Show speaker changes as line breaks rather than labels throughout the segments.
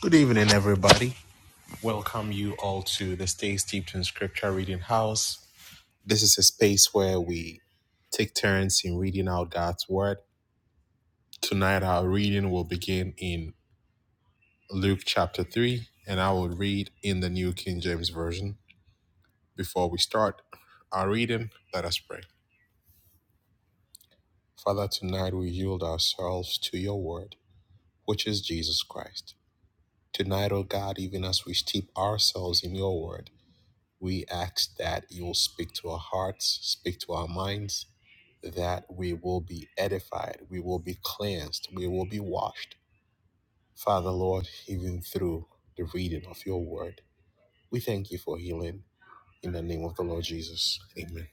Good evening, everybody. Welcome you all to the Stay Steeped in Scripture Reading House. This is a space where we take turns in reading out God's Word. Tonight, our reading will begin in Luke chapter 3, and I will read in the New King James Version. Before we start our reading, let us pray. Father, tonight we yield ourselves to your Word, which is Jesus Christ. Tonight, O God, even as we steep ourselves in your Word, We ask that you'll speak to our hearts, speak to our minds, that we will be edified, we will be cleansed, we will be washed. Father, Lord, even through the reading of your word, we thank you for healing. In the name of the Lord Jesus, amen.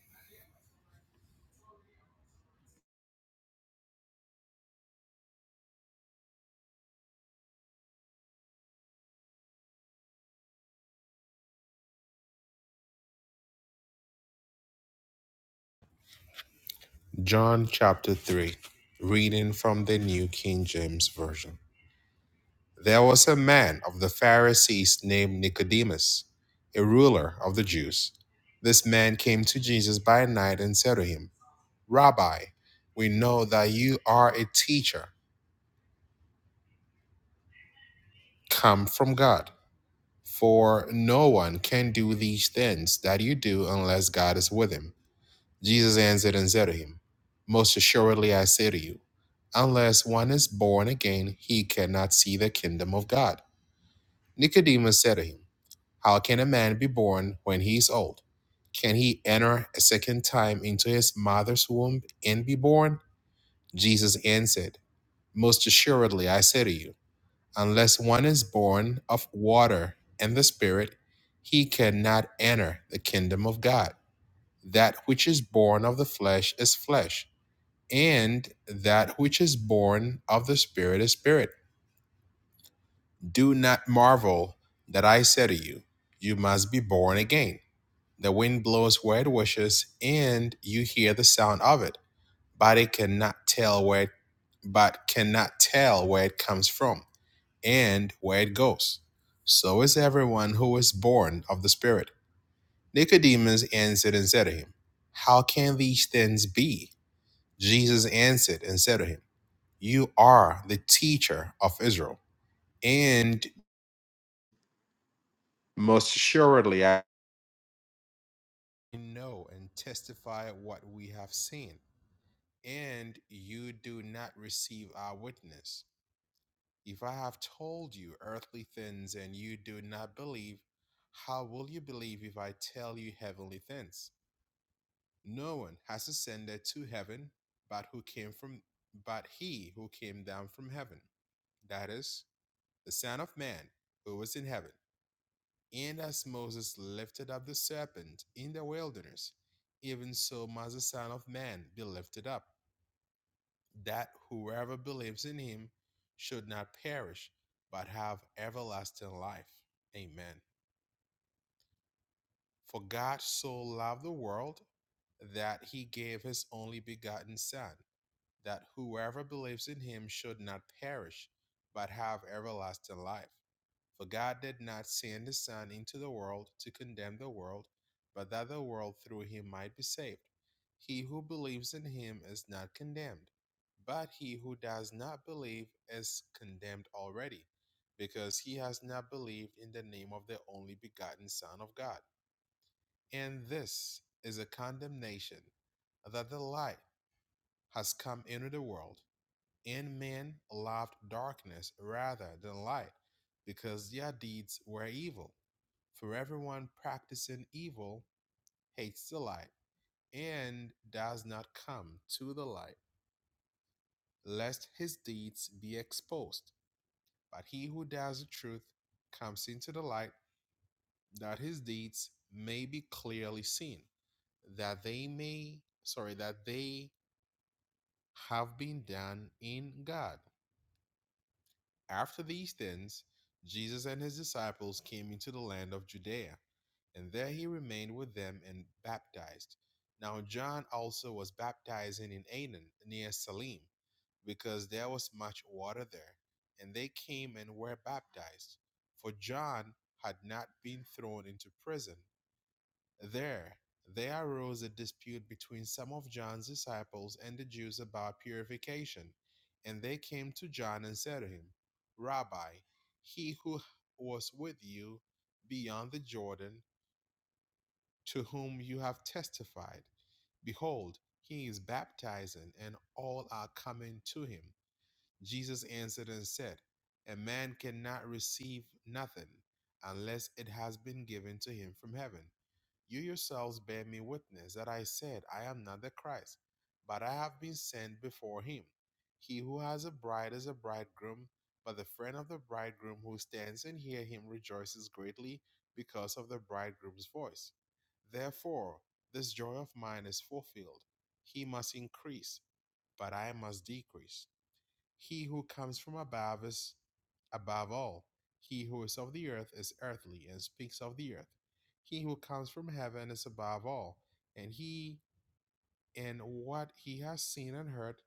John chapter 3, reading from the New King James Version. There was a man of the Pharisees named Nicodemus, a ruler of the Jews. This man came to Jesus by night and said to him, Rabbi, we know that you are a teacher come from God. For no one can do these things that you do unless God is with him. Jesus answered and said to him, Most assuredly I say to you, unless one is born again, he cannot see the kingdom of God. Nicodemus said to him, How can a man be born when he is old? Can he enter a second time into his mother's womb and be born? Jesus answered, Most assuredly I say to you, Unless one is born of water and the Spirit, he cannot enter the kingdom of God. That which is born of the flesh is flesh, and that which is born of the Spirit is spirit. Do not marvel that I said to you, You must be born again. The wind blows where it wishes, and you hear the sound of it, but it cannot tell where, but cannot tell where it comes from and where it goes. So is everyone who is born of the Spirit. Nicodemus answered and said to him, How can these things be? Jesus answered and said to him, You are the teacher of Israel, and most assuredly I know and testify what we have seen, and you do not receive our witness. If I have told you earthly things and you do not believe, how will you believe if I tell you heavenly things? No one has ascended to heaven but who came from but he who came down from heaven, that is, the Son of Man who was in heaven. And as Moses lifted up the serpent in the wilderness, even so must the Son of Man be lifted up that whoever believes in him should not perish, but have everlasting life. Amen. For God so loved the world that he gave his only begotten Son that whoever believes in him should not perish, but have everlasting life. For God did not send his Son into the world to condemn the world, but that the world through him might be saved. He who believes in him is not condemned, but he who does not believe is condemned already, because he has not believed in the name of the only begotten Son of God. And this is a condemnation that the light has come into the world, and men loved darkness rather than light, because their deeds were evil. For everyone practicing evil hates the light, and does not come to the light, lest his deeds be exposed. But he who does the truth comes into the light, that his deeds may be clearly seen, that they may, sorry, that they have been done in God. After these things, Jesus and his disciples came into the land of Judea, and there he remained with them and baptized. Now John also was baptizing in Aenon near Salim, because there was much water there, and they came and were baptized, for John had not been thrown into prison. There, there arose a dispute between some of John's disciples and the Jews about purification. And they came to John and said to him, Rabbi, he who was with you beyond the Jordan, to whom you have testified, behold, he is baptizing, and all are coming to him. Jesus answered and said, A man cannot receive nothing unless it has been given to him from heaven. You yourselves bear me witness that I said, I am not the Christ, but I have been sent before him. He who has a bride is a bridegroom, but the friend of the bridegroom who stands and hears him rejoices greatly because of the bridegroom's voice. Therefore, this joy of mine is fulfilled. He must increase, but I must decrease. He who comes from above is above all. He who is of the earth is earthly and speaks of the earth. He who comes from heaven is above all, and he in what he has seen and heard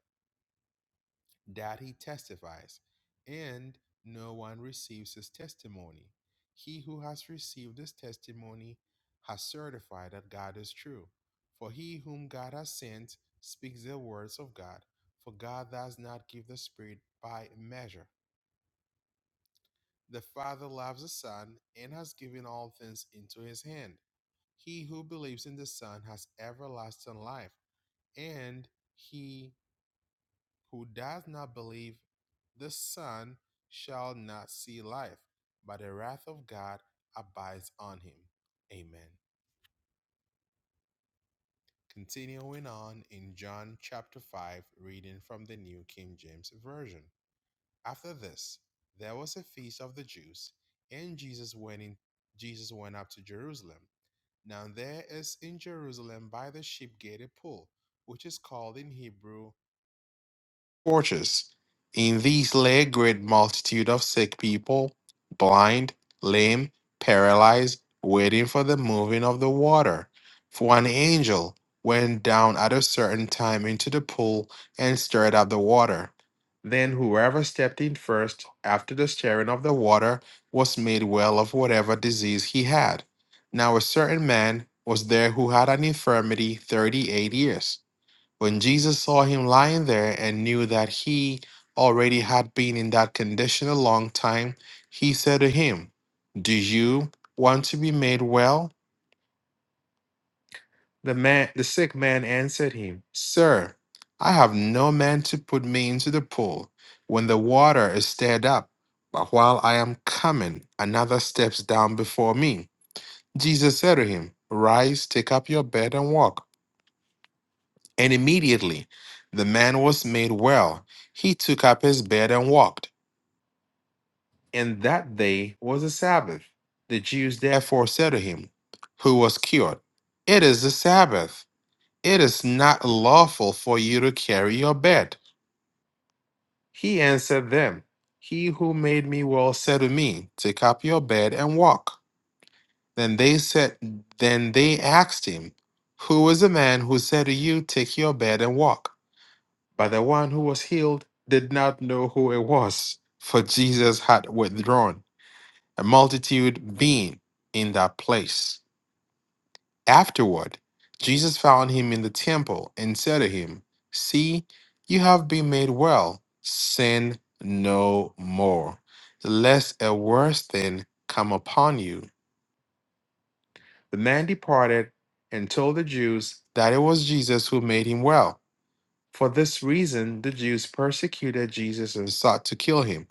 that he testifies, and no one receives his testimony. He who has received his testimony has certified that God is true. For he whom God has sent speaks the words of God, for God does not give the Spirit by measure. The Father loves the Son and has given all things into his hand. He who believes in the Son has everlasting life, and he who does not believe the Son shall not see life, but the wrath of God abides on him. Amen. Continuing on in John chapter 5, reading from the New King James Version. After this, there was a feast of the Jews, and Jesus went in Jesus went up to Jerusalem. Now there is in Jerusalem by the sheep gate a pool, which is called in Hebrew torches. In these lay a great multitude of sick people, blind, lame, paralyzed, waiting for the moving of the water. For an angel went down at a certain time into the pool and stirred up the water. Then whoever stepped in first after the stirring of the water was made well of whatever disease he had. Now a certain man was there who had an infirmity thirty eight years. When Jesus saw him lying there and knew that he already had been in that condition a long time, he said to him, Do you want to be made well? The man the sick man answered him, Sir, I have no man to put me into the pool when the water is stirred up, but while I am coming, another steps down before me. Jesus said to him, Rise, take up your bed and walk. And immediately the man was made well. He took up his bed and walked. And that day was the Sabbath. The Jews therefore said to him, who was cured, It is the Sabbath. It is not lawful for you to carry your bed. He answered them, He who made me well said to me, 'Take up your bed and walk. Then they said, Then they asked him, Who is the man who said to you, 'Take your bed and walk? But the one who was healed did not know who it was, for Jesus had withdrawn, a multitude being in that place. Afterward, Jesus found him in the temple and said to him, See, you have been made well. Sin no more, lest a worse thing come upon you. The man departed and told the Jews that it was Jesus who made him well. For this reason, the Jews persecuted Jesus and sought to kill him,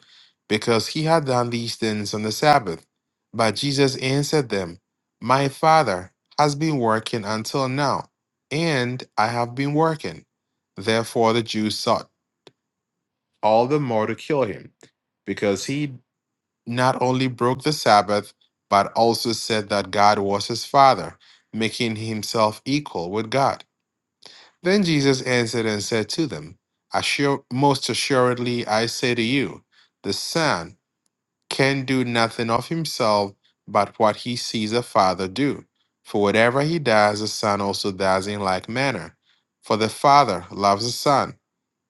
because he had done these things on the Sabbath. But Jesus answered them, My Father has been working until now, and I have been working. Therefore, the Jews sought all the more to kill him, because he not only broke the Sabbath, but also said that God was his Father, making himself equal with God. Then Jesus answered and said to them, Assure, Most assuredly I say to you, the Son can do nothing of himself but what he sees the Father do. For whatever he does, the Son also does in like manner. For the Father loves the Son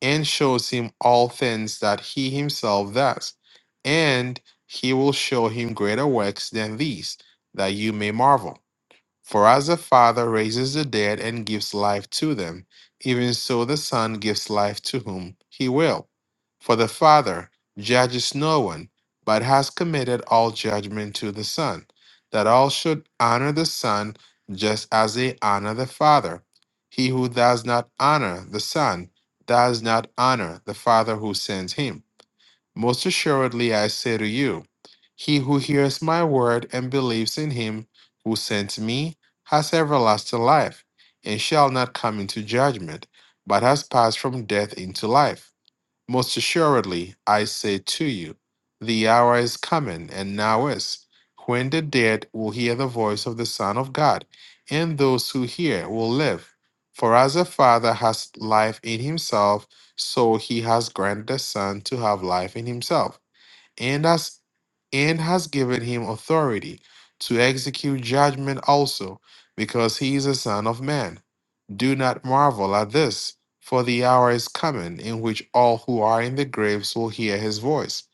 and shows him all things that he himself does. And he will show him greater works than these, that you may marvel. For as the Father raises the dead and gives life to them, even so the Son gives life to whom he will. For the Father judges no one, but has committed all judgment to the Son, that all should honor the Son just as they honor the Father. He who does not honor the Son does not honor the Father who sends him. Most assuredly, I say to you, he who hears my word and believes in him who sent me has everlasting life, and shall not come into judgment, but has passed from death into life. Most assuredly, I say to you, the hour is coming, and now is, when the dead will hear the voice of the Son of God, and those who hear will live. For as the Father has life in himself, so he has granted the Son to have life in himself and has and has given him authority to execute judgment also, because he is a son of man. Do not marvel at this, for the hour is coming in which all who are in the graves will hear his voice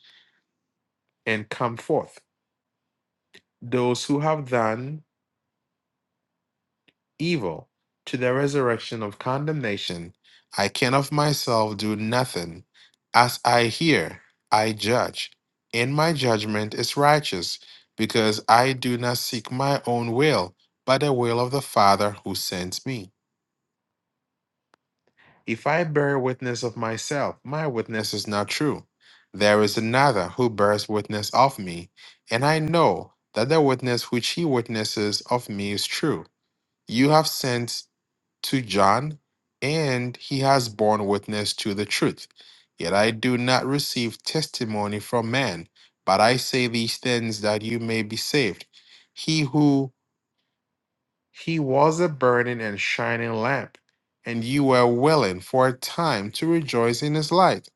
and come forth. Those who have done evil to the resurrection of condemnation, I can of myself do nothing. As I hear, I judge, and my judgment is righteous, because I do not seek my own will, but the will of the Father who sent me. If I bear witness of myself, my witness is not true. There is another who bears witness of me, and I know that the witness which he witnesses of me is true. You have sent to John, and he has borne witness to the truth. Yet I do not receive testimony from man, but I say these things that you may be saved. He who he was a burning and shining lamp, and you were willing for a time to rejoice in his light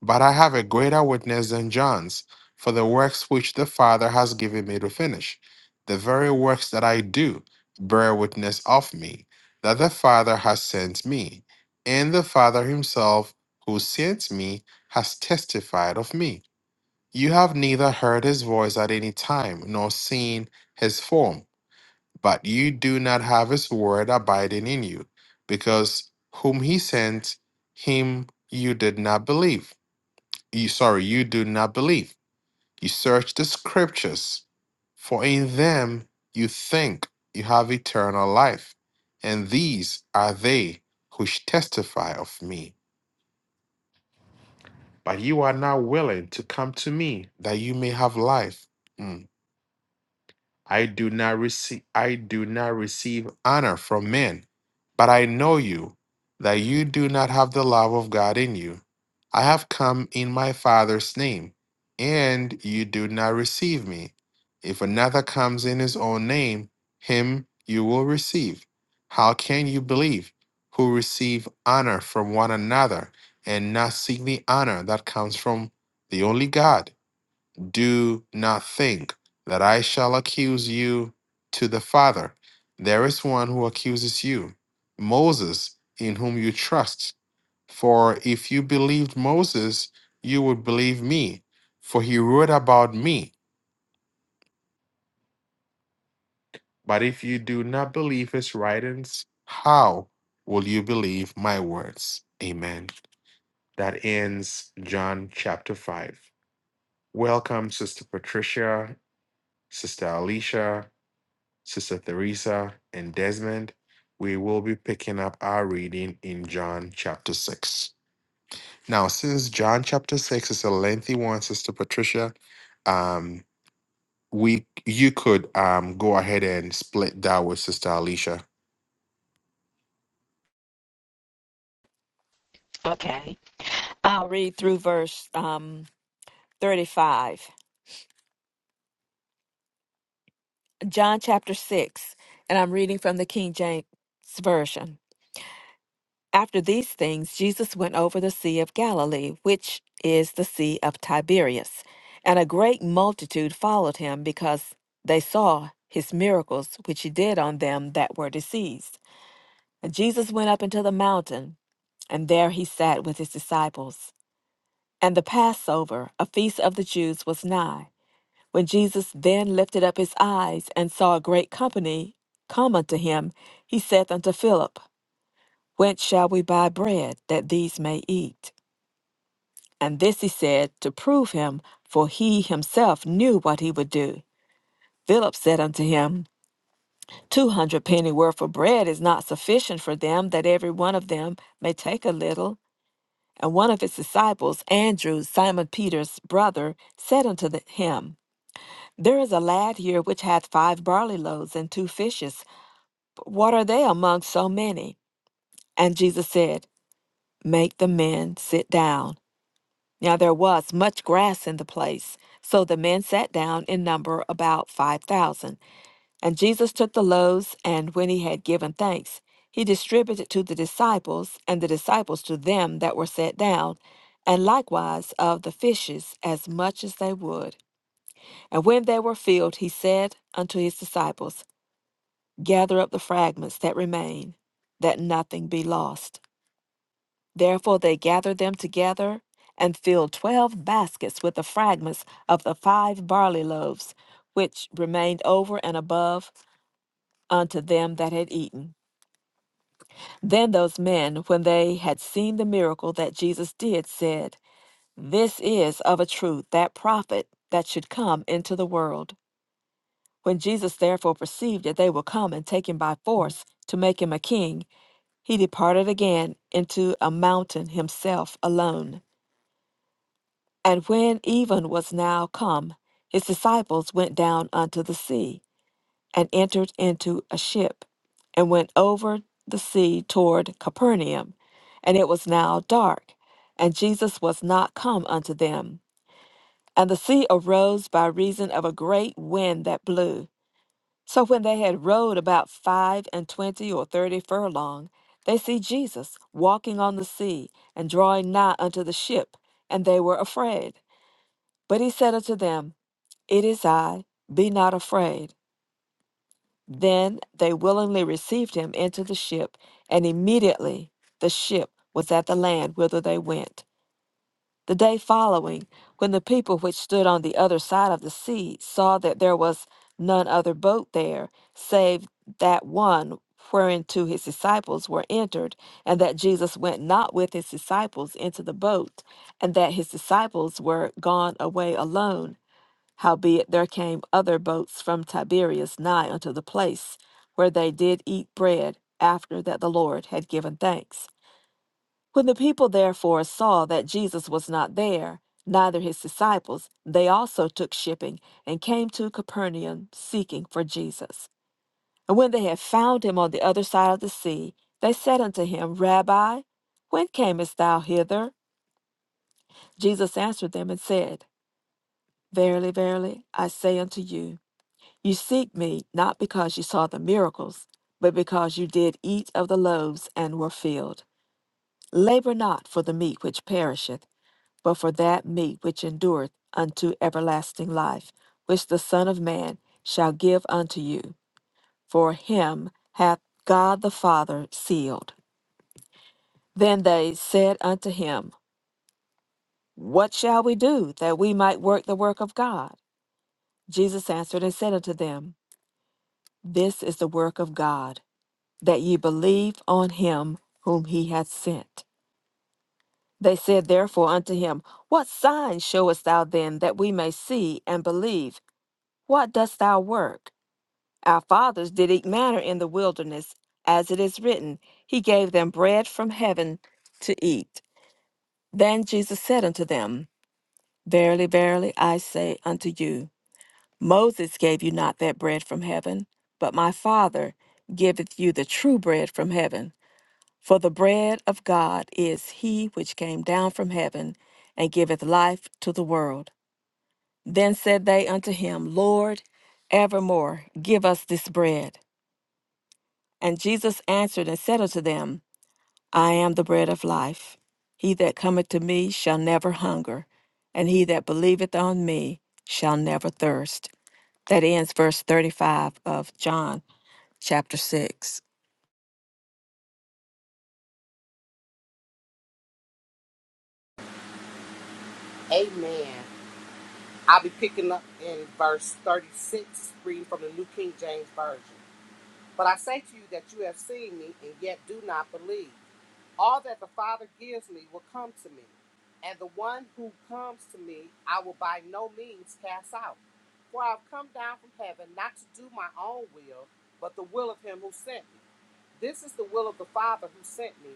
but I have a greater witness than John's, for the works which the Father has given me to finish, the very works that I do, bear witness of me, that the Father has sent me, and the Father himself who sent me has testified of me. You have neither heard his voice at any time, nor seen his form, but you do not have his word abiding in you, because whom he sent, him you did not believe you sorry you do not believe you search the scriptures for in them you think you have eternal life and these are they which testify of me but you are not willing to come to me that you may have life Hmm. I do not receive I do not receive honor from men, but I know you that you do not have the love of God in you. I have come in my Father's name, and you do not receive me. If another comes in his own name, him you will receive. How can you believe who receive honor from one another and not seek the honor that comes from the only God? Do not think that I shall accuse you to the Father. There is one who accuses you, Moses, in whom you trust. For if you believed Moses, you would believe me, for he wrote about me. But if you do not believe his writings, how will you believe my words? Amen. That ends John chapter 5. Welcome, Sister Patricia, Sister Alicia, Sister Theresa, and Desmond, we will be picking up our reading in John chapter 6. Now, since John chapter 6 is a lengthy one, Sister Patricia, um, we you could um go ahead and split that with Sister Alicia.
Okay. I'll read through verse um, 35, John chapter 6, and I'm reading from the King James Version. After these things, Jesus went over the Sea of Galilee, which is the Sea of Tiberias, and a great multitude followed him because they saw his miracles which he did on them that were diseased. And Jesus went up into the mountain, and there he sat with his disciples. And the Passover, a feast of the Jews, was nigh. When Jesus then lifted up his eyes and saw a great company come unto him, he saith unto Philip, Whence shall we buy bread that these may eat? And this he said to prove him, for he himself knew what he would do. Philip said unto him, Two hundred penny worth of bread is not sufficient for them, that every one of them may take a little. And one of his disciples, Andrew, Simon Peter's brother, said unto the- him, There is a lad here which hath five barley loaves and two fishes. But what are they among so many? And Jesus said, Make the men sit down. Now there was much grass in the place. So the men sat down in number about five thousand. And Jesus took the loaves, and when he had given thanks, he distributed to the disciples, and the disciples to them that were set down, and likewise of the fishes as much as they would. And when they were filled, he said unto his disciples, Gather up the fragments that remain, that nothing be lost. Therefore they gathered them together and filled twelve baskets with the fragments of the five barley loaves, which remained over and above unto them that had eaten. Then those men, when they had seen the miracle that Jesus did, said, This is of a truth that prophet that should come into the world. When Jesus therefore perceived that they would come and take him by force to make him a king, he departed again into a mountain himself alone. And when even was now come, his disciples went down unto the sea, and entered into a ship, and went over the sea toward Capernaum. And it was now dark, and Jesus was not come unto them. And the sea arose by reason of a great wind that blew. So when they had rowed about five and twenty or thirty furlong, they see Jesus walking on the sea and drawing nigh unto the ship, and they were afraid. But he said unto them, It is I, be not afraid. Then they willingly received him into the ship, and immediately the ship was at the land whither they went. The day following, when the people which stood on the other side of the sea saw that there was none other boat there, save that one whereinto his disciples were entered, and that Jesus went not with his disciples into the boat, and that his disciples were gone away alone, howbeit there came other boats from Tiberias nigh unto the place, where they did eat bread after that the Lord had given thanks. When the people therefore saw that Jesus was not there, neither his disciples, they also took shipping and came to Capernaum seeking for Jesus. And when they had found him on the other side of the sea, they said unto him, Rabbi, when camest thou hither? Jesus answered them and said, Verily, verily, I say unto you, you seek me not because you saw the miracles, but because you did eat of the loaves and were filled. Labor not for the meat which perisheth but for that meat which endureth unto everlasting life, which the Son of Man shall give unto you. For him hath God the Father sealed. Then they said unto him, What shall we do that we might work the work of God? Jesus answered and said unto them, This is the work of God, that ye believe on him whom he hath sent. They said therefore unto him, What sign showest thou then that we may see and believe? What dost thou work? Our fathers did eat manna in the wilderness, as it is written, He gave them bread from heaven to eat. Then Jesus said unto them, Verily, verily, I say unto you, Moses gave you not that bread from heaven, but my Father giveth you the true bread from heaven. For the bread of God is he which came down from heaven and giveth life to the world. Then said they unto him, Lord, evermore give us this bread. And Jesus answered and said unto them, I am the bread of life. He that cometh to me shall never hunger, and he that believeth on me shall never thirst. That ends verse 35 of John chapter 6.
Amen. I'll be picking up in verse 36, reading from the New King James Version. But I say to you that you have seen me, and yet do not believe. All that the Father gives me will come to me, and the one who comes to me I will by no means cast out. For I have come down from heaven not to do my own will, but the will of him who sent me. This is the will of the Father who sent me,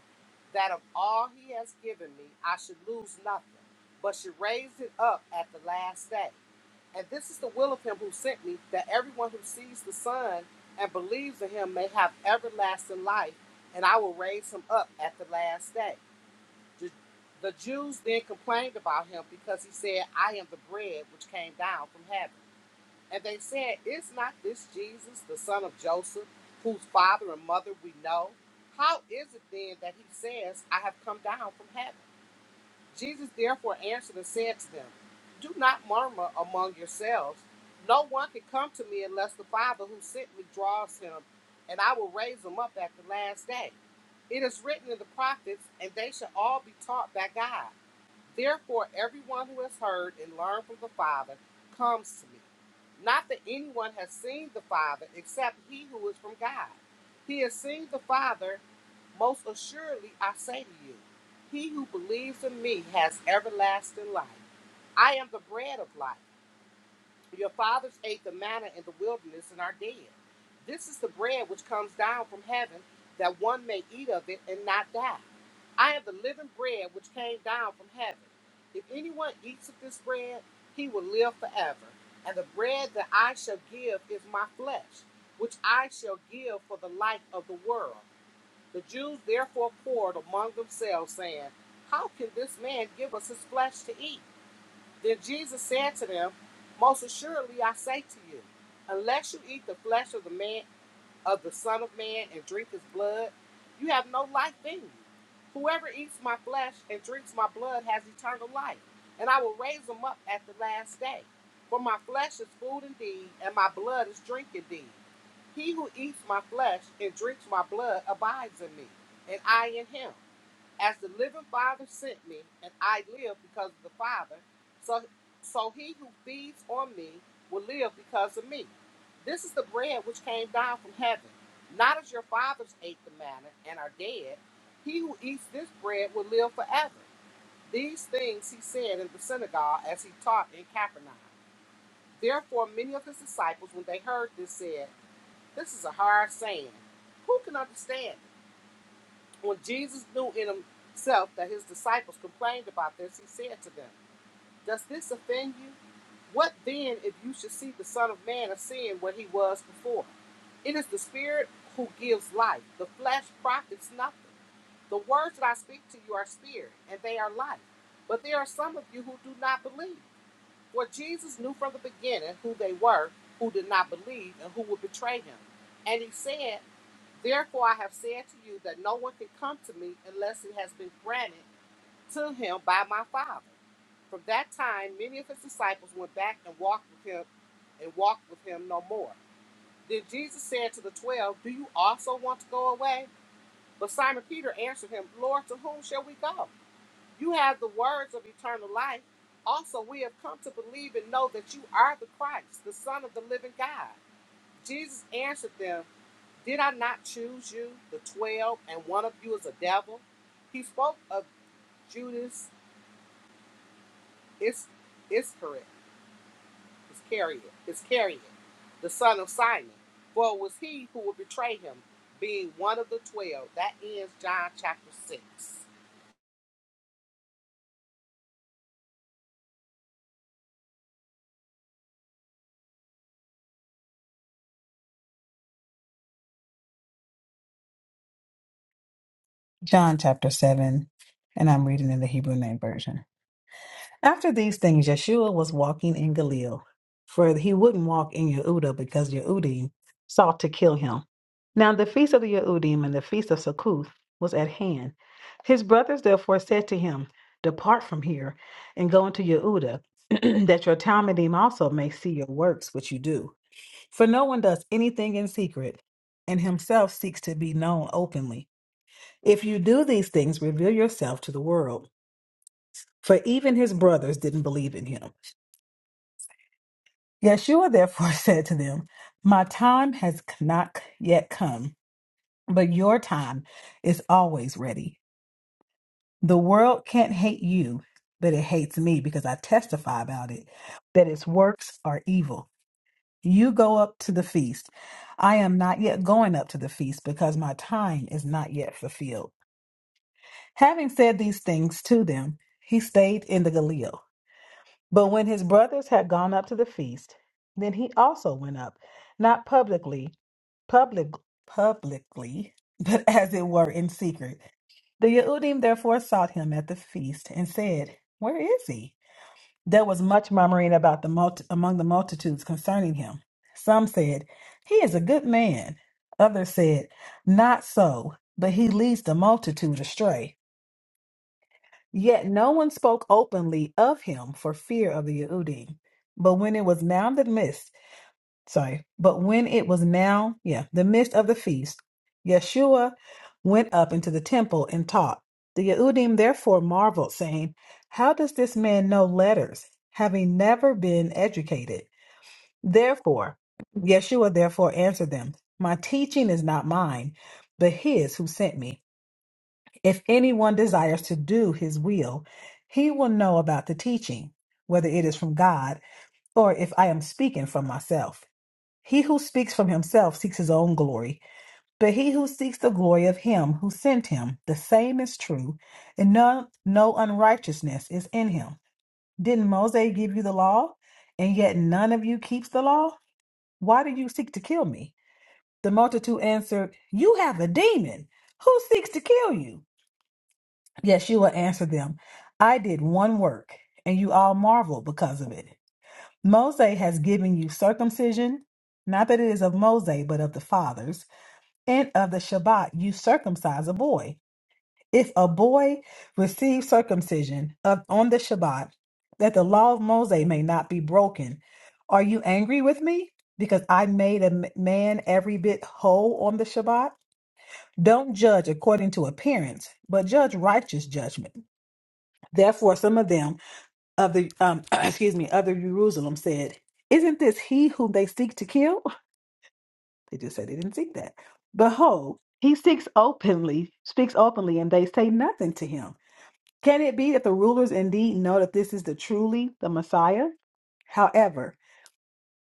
that of all he has given me, I should lose nothing, but should raise it up at the last day. And this is the will of him who sent me, that everyone who sees the Son and believes in him may have everlasting life, and I will raise him up at the last day. The the Jews then complained about him because he said, I am the bread which came down from heaven. And they said, Is not this Jesus, the son of Joseph, whose father and mother we know? How is it then that he says, I have come down from heaven? Jesus therefore answered and said to them, Do not murmur among yourselves. No one can come to me unless the Father who sent me draws him, and I will raise him up at the last day. It is written in the prophets, and they shall all be taught by God. Therefore, everyone who has heard and learned from the Father comes to me. Not that anyone has seen the Father except he who is from God. He has seen the Father, most assuredly I say to you. He who believes in me has everlasting life. I am the bread of life. Your fathers ate the manna in the wilderness and are dead. This is the bread which comes down from heaven, that one may eat of it and not die. I am the living bread which came down from heaven. If anyone eats of this bread, he will live forever. And the bread that I shall give is my flesh, which I shall give for the life of the world. The Jews therefore quarreled among themselves, saying, How can this man give us his flesh to eat? Then Jesus said to them, Most assuredly I say to you, unless you eat the flesh of the man of the Son of Man and drink his blood, you have no life in you. Whoever eats my flesh and drinks my blood has eternal life, and I will raise him up at the last day. For my flesh is food indeed, and my blood is drink indeed. He who eats my flesh and drinks my blood abides in me, and I in him as the living Father sent me, and I live because of the Father, so so he who feeds on me will live because of me. This is the bread which came down from heaven, not as your fathers ate the manna and are dead. He who eats this bread will live forever. These things he said in the synagogue as he taught in Capernaum. Therefore, many of his disciples, when they heard this, said, This is a hard saying. Who can understand it? When Jesus knew in himself that his disciples complained about this, he said to them, Does this offend you? What then if you should see the Son of Man ascend where he was before? It is the Spirit who gives life, the flesh profits nothing. The words that I speak to you are spirit, and they are life. But there are some of you who do not believe. For Jesus knew from the beginning who they were who did not believe and who would betray him. And he said, Therefore I have said to you that no one can come to me unless it has been granted to him by my Father. From that time many of his disciples went back and walked with him and walked with him no more. Then Jesus said to the twelve, Do you also want to go away? But Simon Peter answered him, Lord, to whom shall we go? You have the words of eternal life. Also, we have come to believe and know that you are the Christ, the Son of the living God. Jesus answered them, Did I not choose you, the twelve, and one of you is a devil? He spoke of Judas Is- Iscariot, Iscariot, Iscariot, the son of Simon, for it was he who would betray him, being one of the twelve. That ends John chapter 6.
John chapter 7, and I'm reading in the Hebrew name version. After these things, Yeshua was walking in Galilee, for he wouldn't walk in Yehuda because Yehudim sought to kill him. Now the feast of the Yehudim and the feast of Succoth was at hand. His brothers therefore said to him, Depart from here and go into Yehuda, that your Talmudim also may see your works which you do. For no one does anything in secret, and himself seeks to be known openly. If you do these things, reveal yourself to the world. For even his brothers didn't believe in him. Yeshua therefore said to them, My time has not yet come, but your time is always ready. The world can't hate you, but it hates me because I testify about it, that its works are evil. You go up to the feast. I am not yet going up to the feast because my time is not yet fulfilled. Having said these things to them, he stayed in the Galilee. But when his brothers had gone up to the feast, then he also went up, not publicly, public, publicly, but as it were in secret. The Yehudim therefore sought him at the feast and said, Where is he? There was much murmuring about the multi- among the multitudes concerning him. Some said, He is a good man. Others said, Not so, but he leads the multitude astray. Yet no one spoke openly of him for fear of the Yehudim. But when it was now the midst, sorry, but when it was now, yeah, the midst of the feast, Yeshua went up into the temple and taught. The Yehudim therefore marveled, saying, How does this man know letters, having never been educated? Therefore, Yeshua therefore answered them, My teaching is not mine, but his who sent me. If anyone desires to do his will, he will know about the teaching, whether it is from God or if I am speaking from myself. He who speaks from himself seeks his own glory, but he who seeks the glory of him who sent him, the same is true, and none, no unrighteousness is in him. Didn't Moses give you the law, and yet none of you keeps the law? Why do you seek to kill me? The multitude answered, You have a demon. Who seeks to kill you? Yes, you will answer them. I did one work, and you all marvel because of it. Moses has given you circumcision, not that it is of Moses, but of the fathers, and of the Shabbat you circumcise a boy. If a boy receives circumcision of, on the Shabbat, that the law of Moses may not be broken, are you angry with me? Because I made a m- man every bit whole on the Shabbat? Don't judge according to appearance, but judge righteous judgment. Therefore, some of them of the um, excuse me, other Jerusalem said, "Isn't this he whom they seek to kill?" They just said they didn't seek that. Behold, he seeks openly, speaks openly, and they say nothing to him. Can it be that the rulers indeed know that this is the truly the Messiah? However,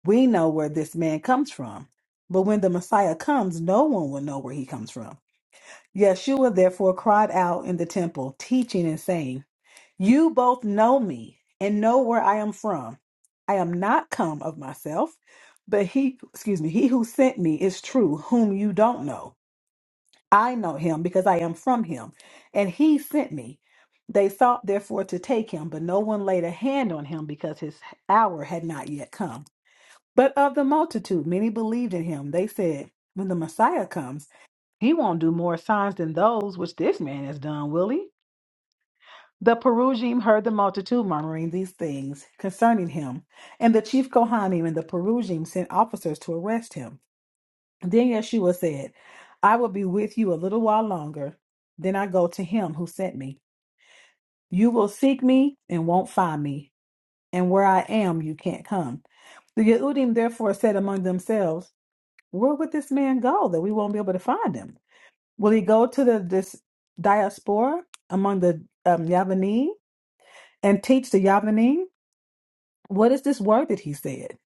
we know where this man comes from. But when the Messiah comes, no one will know where he comes from. Yeshua therefore cried out in the temple, teaching and saying, You both know me and know where I am from. I am not come of myself, but he, excuse me, he who sent me is true, whom you don't know. I know him because I am from him, and he sent me. They sought therefore to take him, but no one laid a hand on him because his hour had not yet come. But of the multitude, many believed in him. They said, When the Messiah comes, he won't do more signs than those which this man has done, will he? The Perusian heard the multitude murmuring these things concerning him, and the chief Kohanim and the Perusian sent officers to arrest him. Then Yeshua said, I will be with you a little while longer, then I go to him who sent me. You will seek me and won't find me, and where I am you can't come. The Yehudim therefore said among themselves, Where would this man go that we won't be able to find him? Will he go to the this diaspora among the um, Yavanim and teach the Yavanim? What is this word that he said?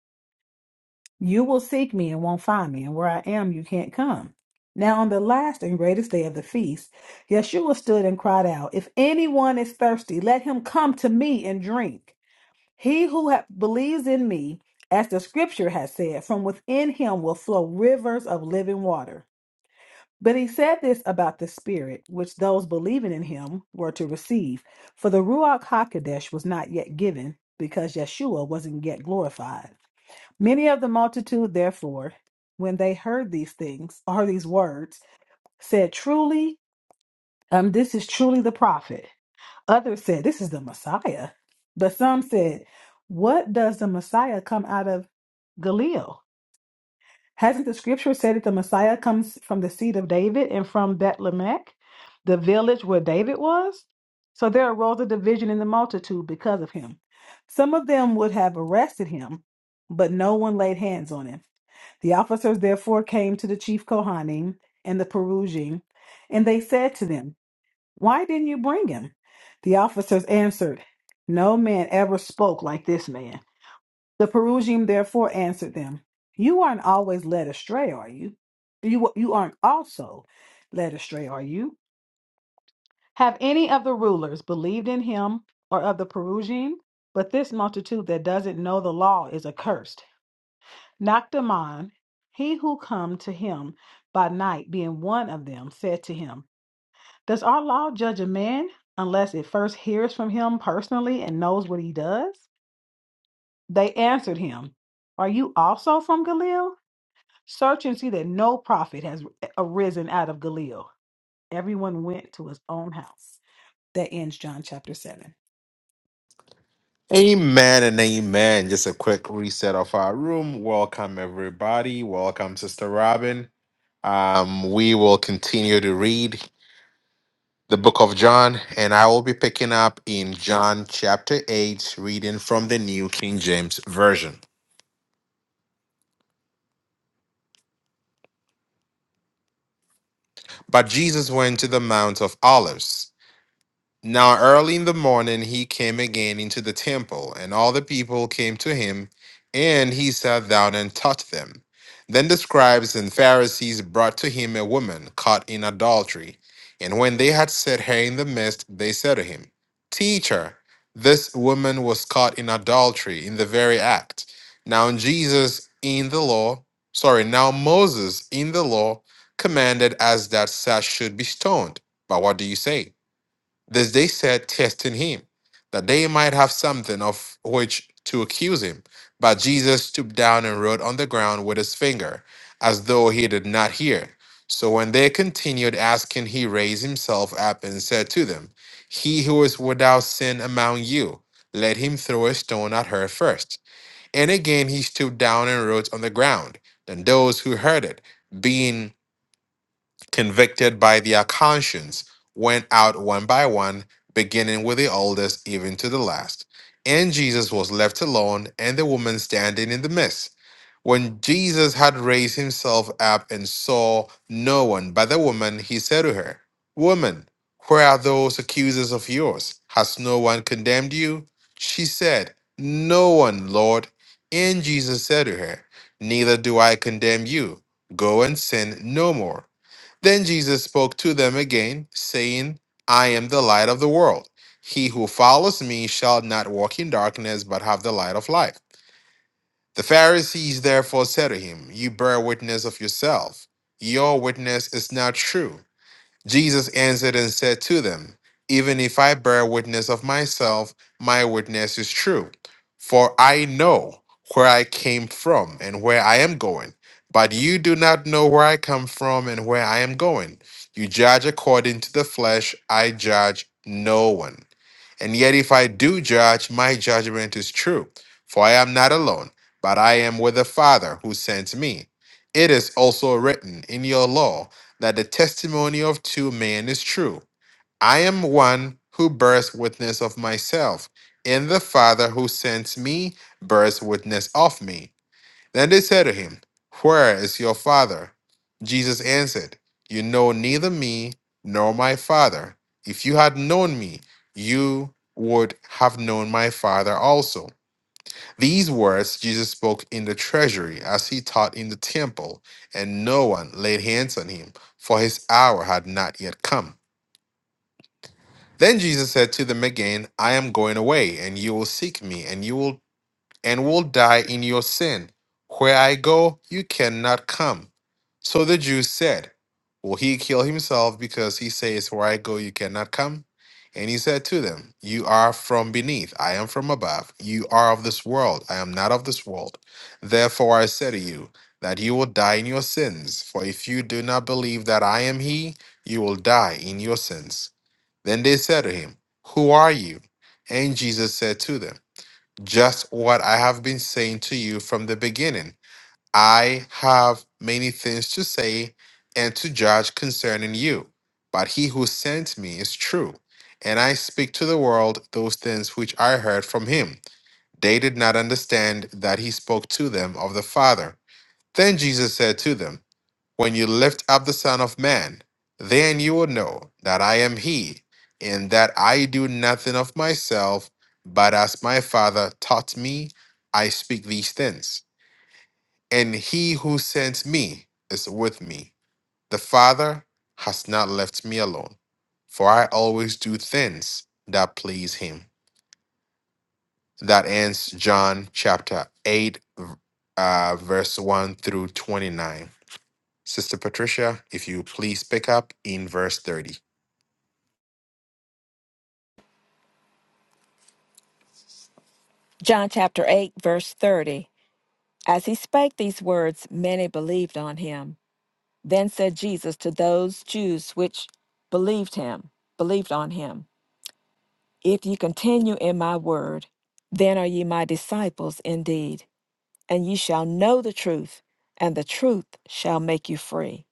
You will seek me and won't find me, and where I am, you can't come. Now, on the last and greatest day of the feast, Yeshua stood and cried out, If anyone is thirsty, let him come to me and drink. He who ha- believes in me, as the scripture has said, from within him will flow rivers of living water. But he said this about the Spirit, which those believing in him were to receive, for the Ruach HaKodesh was not yet given, because Yeshua wasn't yet glorified. Many of the multitude, therefore, when they heard these things or heard these words, said, Truly, um, this is truly the prophet. Others said, This is the Messiah. But some said, What does the Messiah come out of Galileo? Hasn't the scripture said that the Messiah comes from the seed of David and from Bethlehem, the village where David was? So there arose a division in the multitude because of him. Some of them would have arrested him, but no one laid hands on him. The officers therefore came to the chief Kohanim and the Perusian, and they said to them, Why didn't you bring him? The officers answered, No man ever spoke like this man. The Perusian therefore answered them, You aren't always led astray, are you? You, you aren't also led astray, are you? Have any of the rulers believed in him or of the Perusian? But this multitude that doesn't know the law is accursed. Noctamon, he who come to him by night, being one of them, said to him, Does our law judge a man unless it first hears from him personally and knows what he does? They answered him, Are you also from Galil? Search and see that no prophet has arisen out of Galil. Everyone went to his own house. That ends John chapter 7.
Amen and amen. Just a quick reset of our room. Welcome everybody. Welcome, Sister Robin. Um, we will continue to read. the book of John, and I will be picking up in John chapter 8, reading from the New King James Version. But Jesus went to the Mount of Olives. Now early in the morning he came again into the temple, and all the people came to him, and he sat down and taught them. Then the scribes and Pharisees brought to him a woman caught in adultery, and when they had set her in the midst, they said to him, Teacher, this woman was caught in adultery in the very act. Now Jesus in the law, sorry, now Moses in the law commanded us that such should be stoned. But what do you say? This they said, testing him, that they might have something of which to accuse him. But Jesus stooped down and wrote on the ground with his finger, as though he did not hear. So when they continued asking, he raised himself up and said to them, He who is without sin among you, let him throw a stone at her first." And again he stooped down and wrote on the ground. Then those who heard it, being convicted by their conscience, went out one by one, beginning with the oldest, even to the last. And Jesus was left alone, and the woman standing in the midst. When Jesus had raised himself up and saw no one but the woman, he said to her, Woman, where are those accusers of yours? Has no one condemned you? She said, No one, Lord. And Jesus said to her, Neither do I condemn you. Go and sin no more. Then Jesus spoke to them again, saying, I am the light of the world. He who follows me shall not walk in darkness, but have the light of life. The Pharisees therefore said to him, You bear witness of yourself. Your witness is not true. Jesus answered and said to them, Even if I bear witness of myself, my witness is true. For I know where I came from and where I am going. But you do not know where I come from and where I am going. You judge according to the flesh, I judge no one. And yet, if I do judge, my judgment is true. For I am not alone, but I am with the Father who sent me. It is also written in your law that the testimony of two men is true. I am one who bears witness of myself, and the Father who sent me bears witness of me. Then they said to him, Where is your father? Jesus answered, You know neither me nor my father. If you had known me, you would have known my father also. These words Jesus spoke in the treasury as he taught in the temple, and no one laid hands on him, for his hour had not yet come. Then Jesus said to them again, I am going away, and you will seek me, and you will and will die in your sin. Where I go, you cannot come. So the Jews said, Will he kill himself because he says, Where I go, you cannot come? And he said to them, You are from beneath, I am from above. You are of this world, I am not of this world. Therefore I say to you, that you will die in your sins. For if you do not believe that I am he, you will die in your sins. Then they said to him, Who are you? And Jesus said to them, just what I have been saying to you from the beginning. I have many things to say and to judge concerning you, but he who sent me is true, and I speak to the world those things which I heard from him. They did not understand that he spoke to them of the Father. Then Jesus said to them, when you lift up the Son of Man, then you will know that I am He, and that I do nothing of myself, but as my Father taught me, I speak these things. And He who sent me is with me. The Father has not left me alone, for I always do things that please Him. That ends John chapter 8, uh, verse 1 through 29. Sister Patricia, if you please pick up in verse 30.
John chapter 8, verse 30. As he spake these words, many believed on him. Then said Jesus to those Jews which believed him, believed on him, If ye continue in my word, then are ye my disciples indeed and ye shall know the truth, and the truth shall make you free.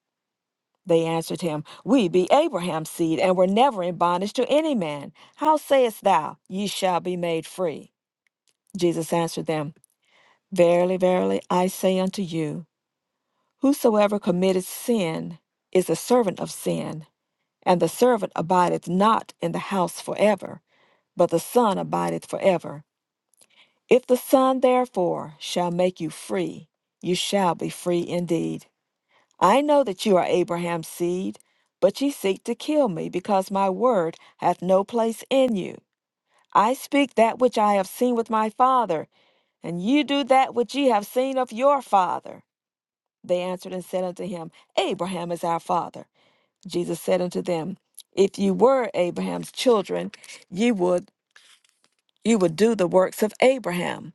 They answered him, We be Abraham's seed, and were never in bondage to any man. How sayest thou, Ye shall be made free? Jesus answered them, Verily, verily, I say unto you, Whosoever committeth sin is a servant of sin, and the servant abideth not in the house forever, but the Son abideth forever. If the Son therefore shall make you free, you shall be free indeed. I know that you are Abraham's seed, but ye seek to kill me, because my word hath no place in you. I speak that which I have seen with my father, and ye do that which ye have seen of your father. They answered and said unto him, Abraham is our father. Jesus said unto them, If ye were Abraham's children, ye would ye would do the works of Abraham.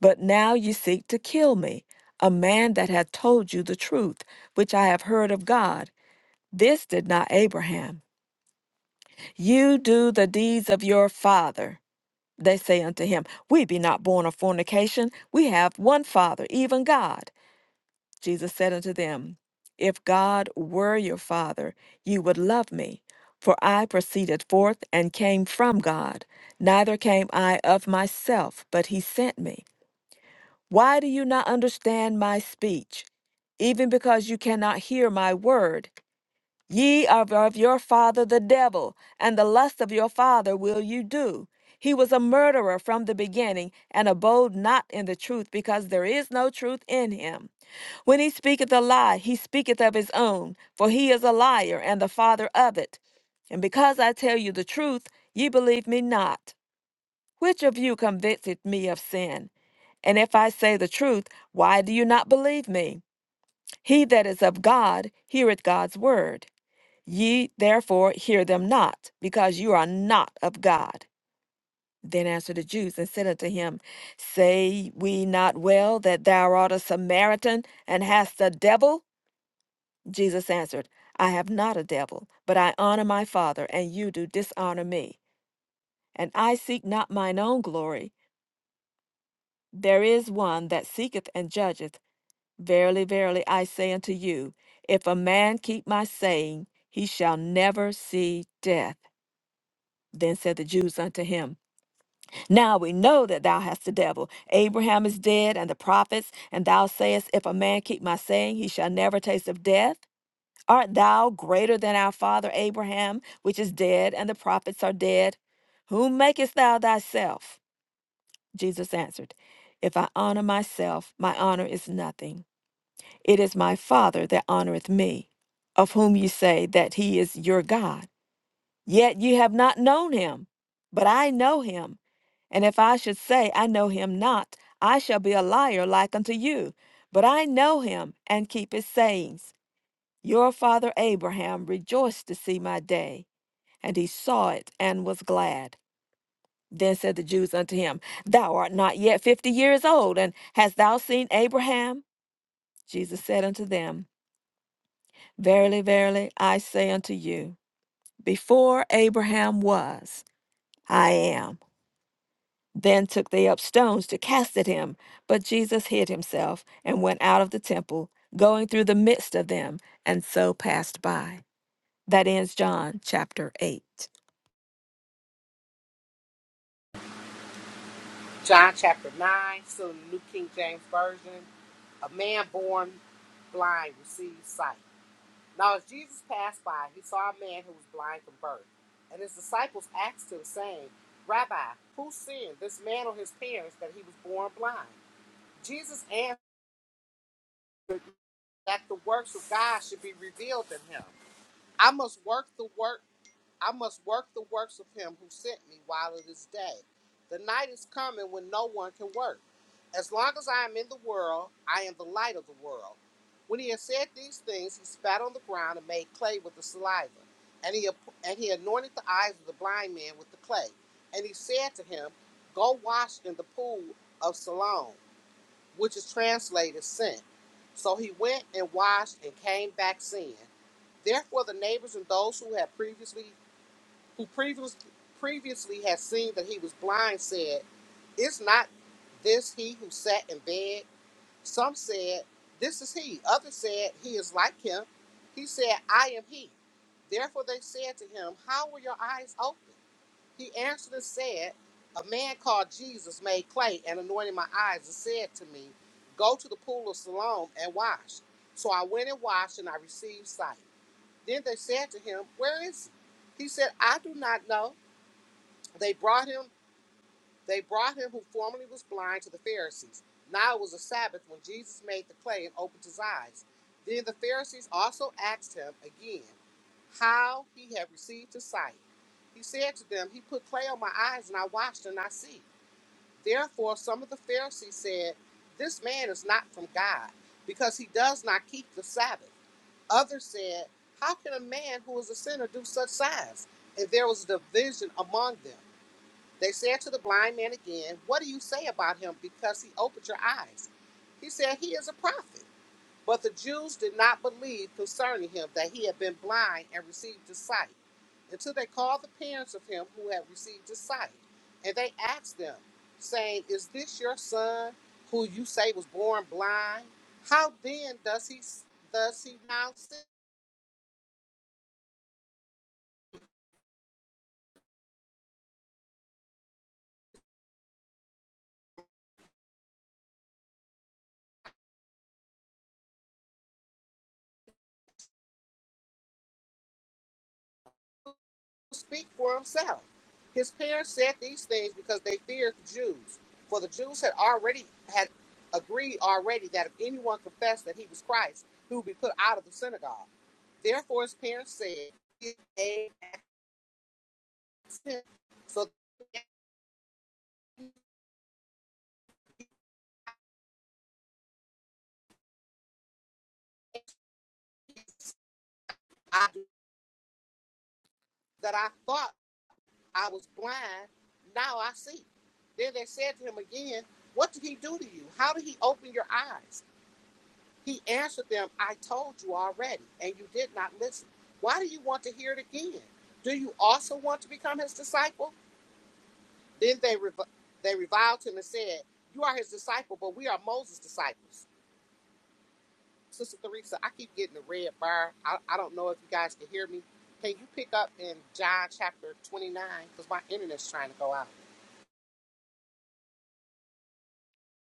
But now ye seek to kill me, a man that hath told you the truth, which I have heard of God. This did not Abraham. You do the deeds of your father. They say unto him, We be not born of fornication. We have one father, even God. Jesus said unto them, If God were your father, you would love me. For I proceeded forth and came from God. Neither came I of myself, but he sent me. Why do you not understand my speech? Even because you cannot hear my word. Ye are of your father the devil, and the lust of your father will you do. He was a murderer from the beginning, and abode not in the truth, because there is no truth in him. When he speaketh a lie, he speaketh of his own, for he is a liar and the father of it. And because I tell you the truth, ye believe me not. Which of you convinceth me of sin? And if I say the truth, why do you not believe me? He that is of God heareth God's word. Ye therefore hear them not, because you are not of God. Then answered the Jews and said unto him, Say we not well that thou art a Samaritan and hast a devil? Jesus answered, I have not a devil, but I honor my Father, and you do dishonor me. And I seek not mine own glory. There is one that seeketh and judgeth. Verily, verily, I say unto you, if a man keep my saying, he shall never see death. Then said the Jews unto him, Now we know that thou hast the devil. Abraham is dead, and the prophets, and thou sayest, If a man keep my saying, he shall never taste of death. Art thou greater than our father Abraham, which is dead, and the prophets are dead? Whom makest thou thyself? Jesus answered, If I honor myself, my honor is nothing. It is my Father that honoreth me, of whom ye say that he is your God. Yet ye have not known him, but I know him. And if I should say, I know him not, I shall be a liar like unto you. But I know him and keep his sayings. Your father Abraham rejoiced to see my day, and he saw it and was glad. Then said the Jews unto him, Thou art not yet fifty years old, and hast thou seen Abraham? Jesus said unto them, Verily, verily, I say unto you, before Abraham was, I am. Then took they up stones to cast at him. But Jesus hid himself and went out of the temple, going through the midst of them, and so passed by. That ends John chapter 8.
John chapter 9, still in the New King James Version. A man born blind received sight. Now, as Jesus passed by, he saw a man who was blind from birth. And his disciples asked him, saying, Rabbi, who sinned, this man or his parents, that he was born blind? Jesus answered that the works of God should be revealed in him. I must work the work. I must work the works of him who sent me while it is day. The night is coming when no one can work. As long as I am in the world, I am the light of the world. When he had said these things, he spat on the ground and made clay with the saliva. And he, and he anointed the eyes of the blind man with the clay. And he said to him, Go wash in the pool of Siloam, which is translated sent. So he went and washed and came back seeing. Therefore, the neighbors and those who had previously who previous, previously had seen that he was blind, said, Is not this he who sat in bed? Some said, This is he. Others said, He is like him. He said, I am he. Therefore they said to him, How were your eyes open? He answered and said, A man called Jesus made clay and anointed my eyes and said to me, 'Go to the pool of Siloam and wash. So I went and washed and I received sight. Then they said to him, Where is he? He said, I do not know. They brought him, they brought him who formerly was blind to the Pharisees. Now it was a Sabbath when Jesus made the clay and opened his eyes. Then the Pharisees also asked him again how he had received his sight. He said to them, He put clay on my eyes, and I washed and I see. Therefore, some of the Pharisees said, This man is not from God, because he does not keep the Sabbath. Others said, How can a man who is a sinner do such signs? And there was division among them. They said to the blind man again, What do you say about him because he opened your eyes? He said, He is a prophet. But the Jews did not believe concerning him that he had been blind and received his sight, until they called the parents of him who had received his sight. And they asked them, saying, Is this your son who you say was born blind? How then does he does he now see? speak for himself. His parents said these things because they feared the Jews, for the Jews had already had agreed already that if anyone confessed that he was Christ, he would be put out of the synagogue. Therefore, his parents said, "So that I thought I was blind, now I see." Then they said to him again, "What did he do to you? How did he open your eyes?" He answered them, I told you already, and you did not listen. Why do you want to hear it again? Do you also want to become his disciple? Then they, rev- they reviled him and said, You are his disciple, but we are Moses' disciples. Sister Theresa, I keep getting the red bar. I, I don't know if you guys can hear me. Can you pick up in John chapter 29? Because my internet's trying to go out.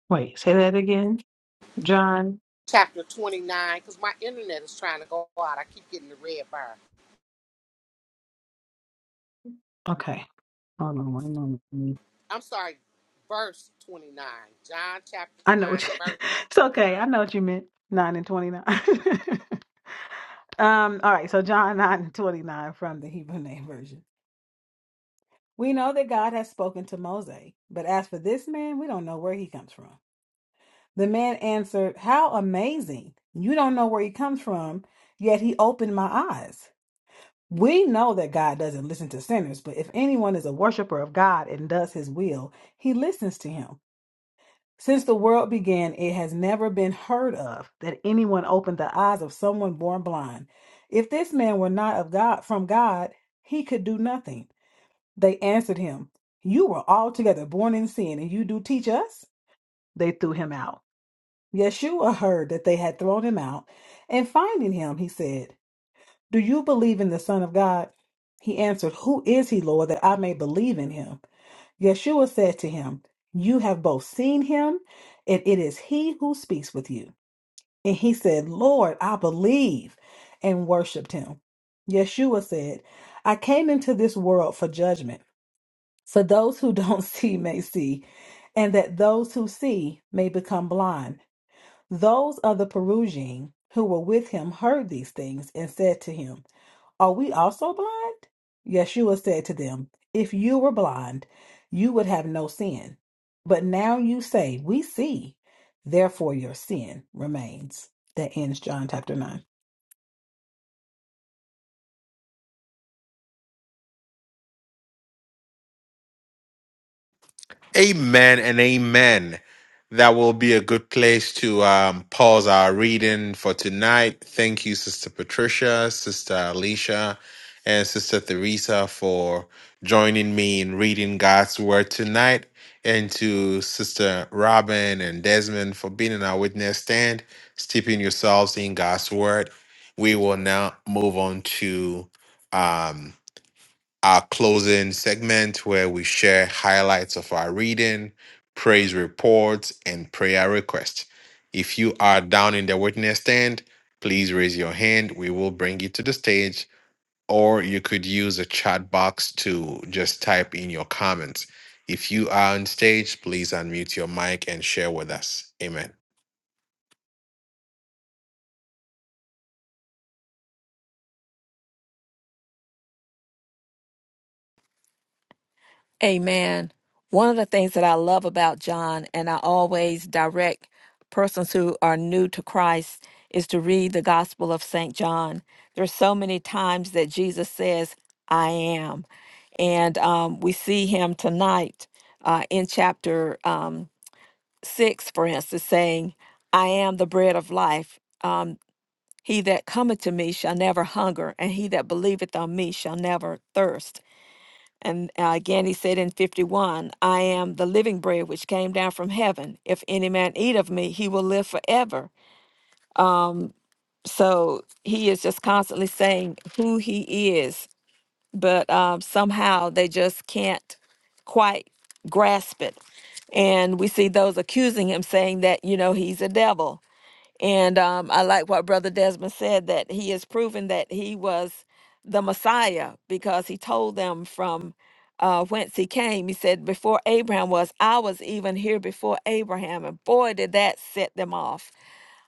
Wait, say that again. John.
Chapter 29, because my internet is trying to go out. I keep getting the red bar.
Okay. Hold on one moment.
I'm sorry, verse 29, John chapter
I know
9,
what you,
verse
it's okay. I know what you meant. 9 and 29. um, all right. So John 9 and 29 from the Hebrew name version. We know that God has spoken to Moses, but as for this man, we don't know where he comes from. The man answered, How amazing! You don't know where he comes from, yet he opened my eyes. We know that God doesn't listen to sinners, but if anyone is a worshiper of God and does his will, he listens to him. Since the world began, it has never been heard of that anyone opened the eyes of someone born blind. If this man were not of God from God, he could do nothing. They answered him, You were altogether born in sin, and you do teach us? They threw him out. Yeshua heard that they had thrown him out, and finding him, he said, Do you believe in the Son of God? He answered, Who is he, Lord, that I may believe in him? Yeshua said to him, You have both seen him, and it is he who speaks with you. And he said, Lord, I believe, and worshiped him. Yeshua said, I came into this world for judgment, so those who don't see may see, and that those who see may become blind. Those of the Perusian who were with him heard these things and said to him, Are we also blind? Yeshua said to them, If you were blind, you would have no sin. But now you say, We see, therefore your sin remains. That ends John chapter 9.
Amen and amen. That will be a good place to um, pause our reading for tonight. Thank you, Sister Patricia, Sister Alicia, and Sister Theresa for joining me in reading God's Word tonight, and to Sister Robin and Desmond for being in our witness stand, steeping yourselves in God's Word. We will now move on to. Um, our closing segment where we share highlights of our reading, praise reports, and prayer requests. If you are down in the witness stand, please raise your hand. We will bring you to the stage, or you could use a chat box to just type in your comments. If you are on stage, please unmute your mic and share with us. Amen.
Amen. One of the things that I love about John, and I always direct persons who are new to Christ, is to read the Gospel of St. John. There's so many times that Jesus says, I am. And um, we see him tonight uh, in chapter. Um, 6, for instance, saying, I am the bread of life. Um, he that cometh to me shall never hunger, and he that believeth on me shall never thirst. And uh, again, he said in 51, I am the living bread which came down from heaven. If any man eat of me, he will live forever. Um, so he is just constantly saying who he is, but um, somehow they just can't quite grasp it. And we see those accusing him, saying that, you know, he's a devil and um, I like what Brother Desmond said that he has proven that he was the Messiah because he told them from uh, whence he came. He said, Before Abraham was, I was even here before Abraham. And boy, did that set them off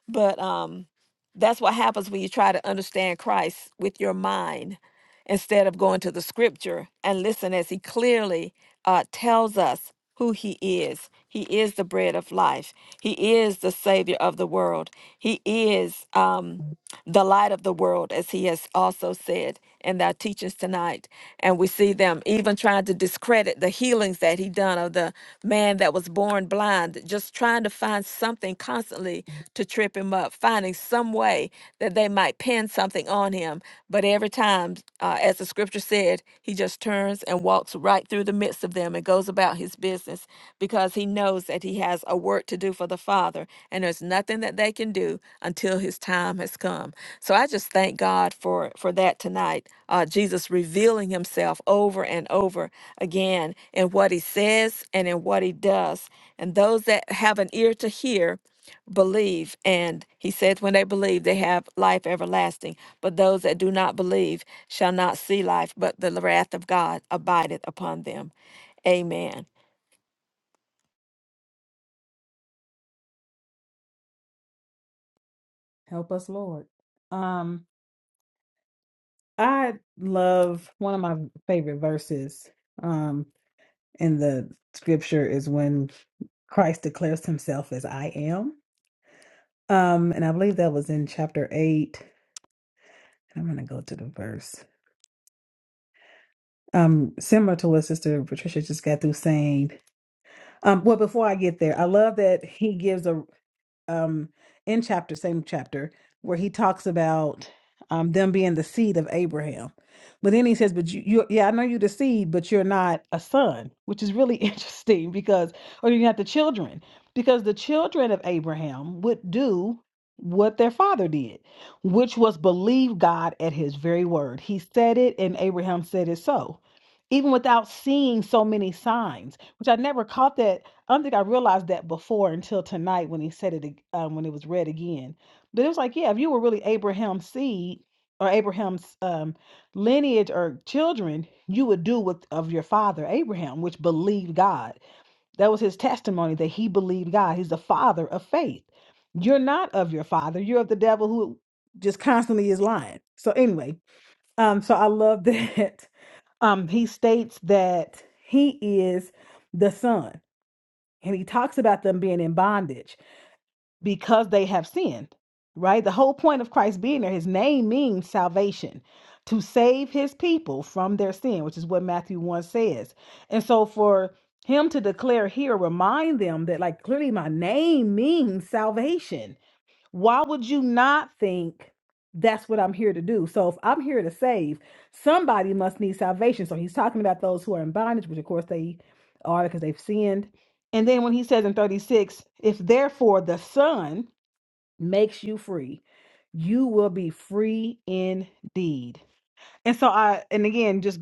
but um, that's what happens when you try to understand Christ with your mind instead of going to the scripture and listen as he clearly uh, tells us who he is. He is the bread of life. He is the savior of the world. He is um, the light of the world, as he has also said in their teachings tonight. And we see them even trying to discredit the healings that he done of the man that was born blind, just trying to find something constantly to trip him up, finding some way that they might pin something on him. But every time, uh, as the scripture said, he just turns and walks walks right through the midst of them and goes about his business because he knows that he has a work to do for the Father, and there's nothing that they can do until his time has come. So I just thank God for for that tonight. Uh, Jesus revealing Himself over and over again in what He says and in what He does, and those that have an ear to hear believe and he says when they believe they have life everlasting but those that do not believe shall not see life but the wrath of god abideth upon them amen
Help us, Lord. Um, I love one of my favorite verses um in the scripture is when Christ declares himself as I am. Um and I believe that was in chapter 8. I'm going to go to the verse. Um similar to what sister Patricia just got through saying. Um well before I get there, I love that he gives a. um in chapter same chapter where he talks about um them being the seed of Abraham. But then he says, "But you, you yeah, I know you're the seed, but you're not a son," which is really interesting because, or you're not the children, because the children of Abraham would do what their father did, which was believe God at His very word. He said it, and Abraham said it so. Even without seeing so many signs, which I never caught that I don't think I realized that before until tonight when he said it ag- um, when it was read again. But it was like, yeah, if you were really Abraham's seed or Abraham's um, lineage or children, you would do what of your father Abraham, which believed God. That was his testimony that he believed God. He's the father of faith. You're not of your father. You're of the devil who just constantly is lying. So anyway, um, so I love that um, he states that he is the son and he talks about them being in bondage because they have sinned right the whole point of christ being there his name means salvation to save his people from their sin which is what matthew 1 says and so for him to declare here remind them that like clearly my name means salvation why would you not think that's what I'm here to do? So if I'm here to save, somebody must need salvation. So he's talking about those who are in bondage, which of course they are because they've sinned. And then when he says in 36, if therefore the Son makes you free, you will be free indeed. And so I, and again, just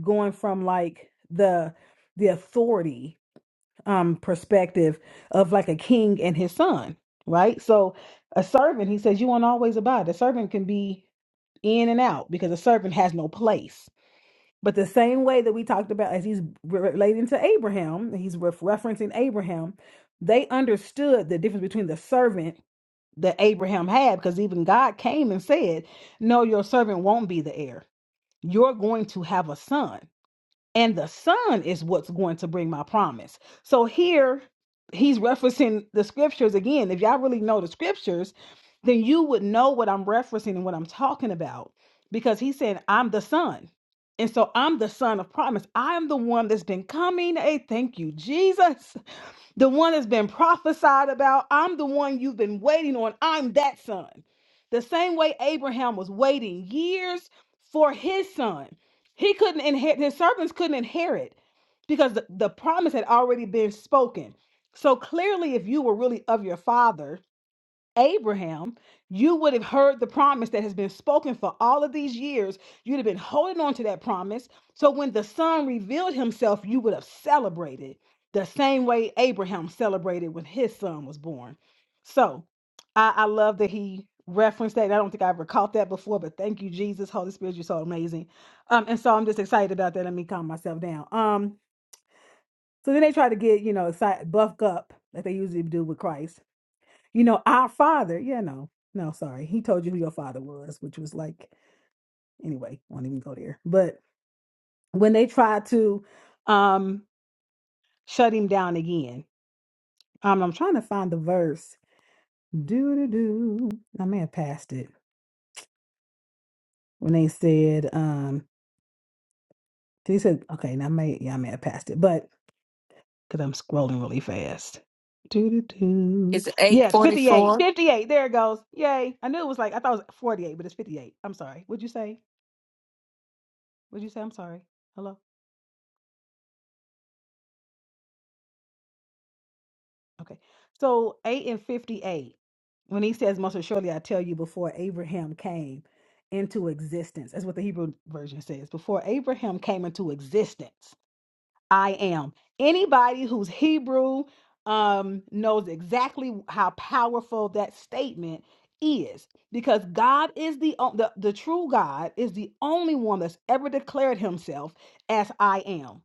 going from like the the authority um perspective of like a king and his son, right? So a servant, he says, you won't always abide. The servant can be in and out because a servant has no place. But the same way that we talked about as he's re- relating to Abraham, he's ref- referencing Abraham, they understood the difference between the servant that Abraham had because even God came and said, No, your servant won't be the heir. You're going to have a son and the son is what's going to bring my promise. So here he's referencing the scriptures again. If y'all really know the scriptures, then you would know what I'm referencing and what I'm talking about because he's saying, I'm the son. And so I'm the son of promise. I am the one that's been coming. Hey, thank you, Jesus the one that's been prophesied about. I'm the one you've been waiting on. I'm that son. The same way Abraham was waiting years for his son. He couldn't inherit, his servants couldn't inherit because the, the promise had already been spoken. So clearly, if you were really of your father, Abraham, you would have heard the promise that has been spoken for all of these years. You'd have been holding on to that promise. So when the son revealed himself, you would have celebrated the same way Abraham celebrated when his son was born. So I, I love that he referenced that. And I don't think I ever caught that before, but thank you, Jesus. Holy Spirit, you're so amazing. Um, and so I'm just excited about that. Let me calm myself down. Um, so then they try to get, you know, excited, buffed up like they usually do with Christ you know, our father, yeah, no, no, sorry. He told you who your father was, which was like, anyway, won't even go there. But when they tried to um shut him down again, um, I'm trying to find the verse. Do do do. I may have passed it when they said, um, he said, okay, now I may, yeah, I may have passed it, but because I'm scrolling really fast. Do do do.
it's
Yeah, 58,
844
58. There it goes. Yay! I knew it was like I thought it was 48, but it's 58. I'm sorry. What'd you say? What'd you say? I'm sorry. Hello. Okay. So 8 and 58, when he says, Most assuredly, I tell you, before Abraham came into existence, that's what the Hebrew version says. Before Abraham came into existence, I am. Anybody who's Hebrew um, knows exactly how powerful that statement is because God is the, o- the the true God is the only one that's ever declared himself as I am,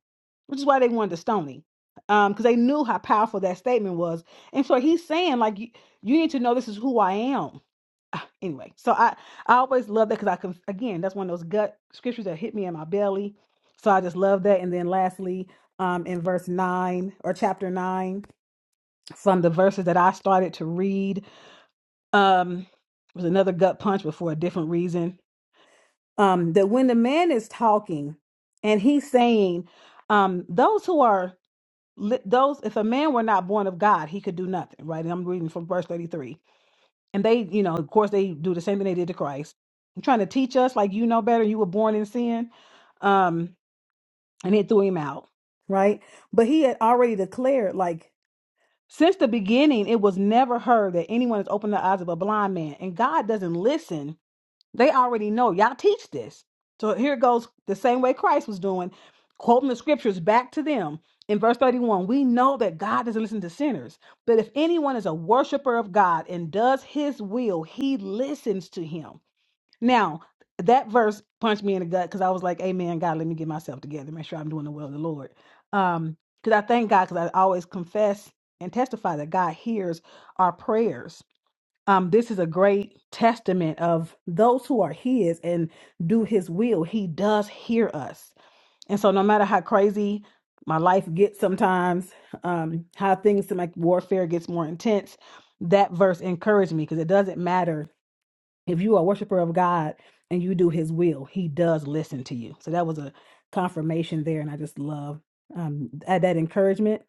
which is why they wanted to stone him because they knew how powerful that statement was. And so he's saying like you, you need to know this is who I am anyway so i i always love that because i can again that's one of those gut scriptures that hit me in my belly so i just love that and then lastly um in verse 9 or chapter 9 from the verses that i started to read um was another gut punch but for a different reason um that when the man is talking and he's saying um those who are li- those if a man were not born of god he could do nothing right and i'm reading from verse 33 and they, you know, of course, they do the same thing they did to Christ. They're trying to teach us, like, you know better, you were born in sin. Um, and it threw him out, right? But he had already declared, like, Since the beginning, it was never heard that anyone has opened the eyes of a blind man, and God doesn't listen they already know. Y'all teach this. So here goes the same way Christ was doing, quoting the scriptures back to them. In verse 31, we know that God doesn't listen to sinners, but if anyone is a worshiper of God and does his will, he listens to him. Now, that verse punched me in the gut because I was like, Amen, God, let me get myself together, make sure I'm doing the will of the Lord. Um, because I thank God because I always confess and testify that God hears our prayers um, this is a great testament of those who are his and do his will. He does hear us. And so no matter how crazy my life gets sometimes, um, how things seem like warfare gets more intense, that verse encouraged me because it doesn't matter if you are a worshiper of God and you do his will, he does listen to you. So that was a confirmation there. And I just love um, that that encouragement.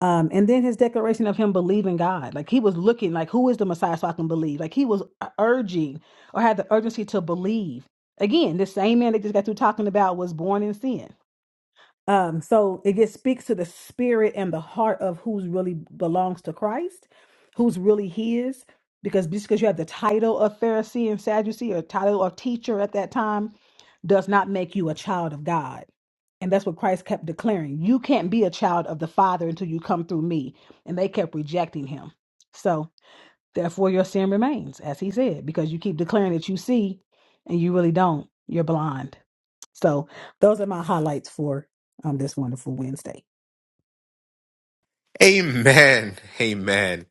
Um, and then his declaration of him believing God, like he was looking, like who is the Messiah, so I can believe. Like he was uh, urging or had the urgency to believe. Again, this same man that just got through talking about was born in sin. Um, so it just speaks to the spirit and the heart of who's really belongs to Christ, who's really his. Because just because you have the title of Pharisee and Sadducee or title of teacher at that time does not make you a child of God. And that's what Christ kept declaring. You can't be a child of the Father until you come through me. And they kept rejecting him. So Therefore, your sin remains, as he said, because you keep declaring that you see and you really don't. You're blind. So, those are my highlights for um, this wonderful Wednesday.
Amen. Amen.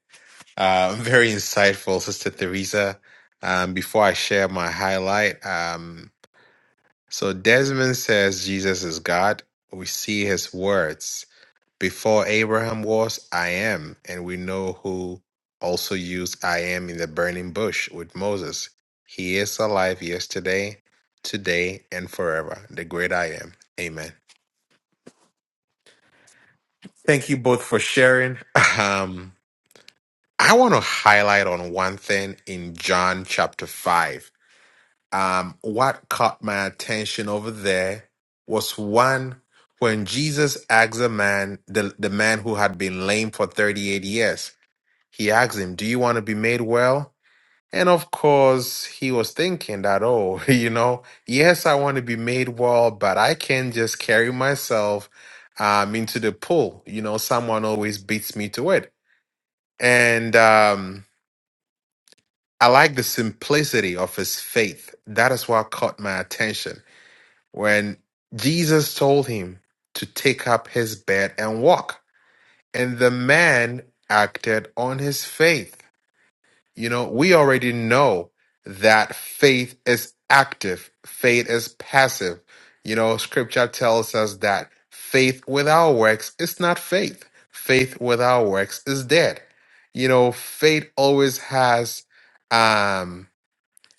Uh, very insightful, Sister Theresa. Um, before I share my highlight, um, So Desmond says Jesus is God. We see his words. Before Abraham was, I am. And we know who also used I am in the burning bush with Moses. He is alive yesterday, today, and forever. The great I am. Amen. Thank you both for sharing. Um, I want to highlight on one thing in John chapter 5 um, what caught my attention over there was one when Jesus asked a man, the, the man who had been lame for 38 years, he asked him, Do you want to be made well? And of course, he was thinking that, oh, you know, yes, I want to be made well, but I can't just carry myself um, into the pool. You know, someone always beats me to it. And um, I like the simplicity of his faith. That is what caught my attention when Jesus told him to take up his bed and walk. And the man acted on his faith. You know, we already know that faith is active, faith is passive. You know, scripture tells us that faith without works is not faith, faith without works is dead. You know, faith always has. um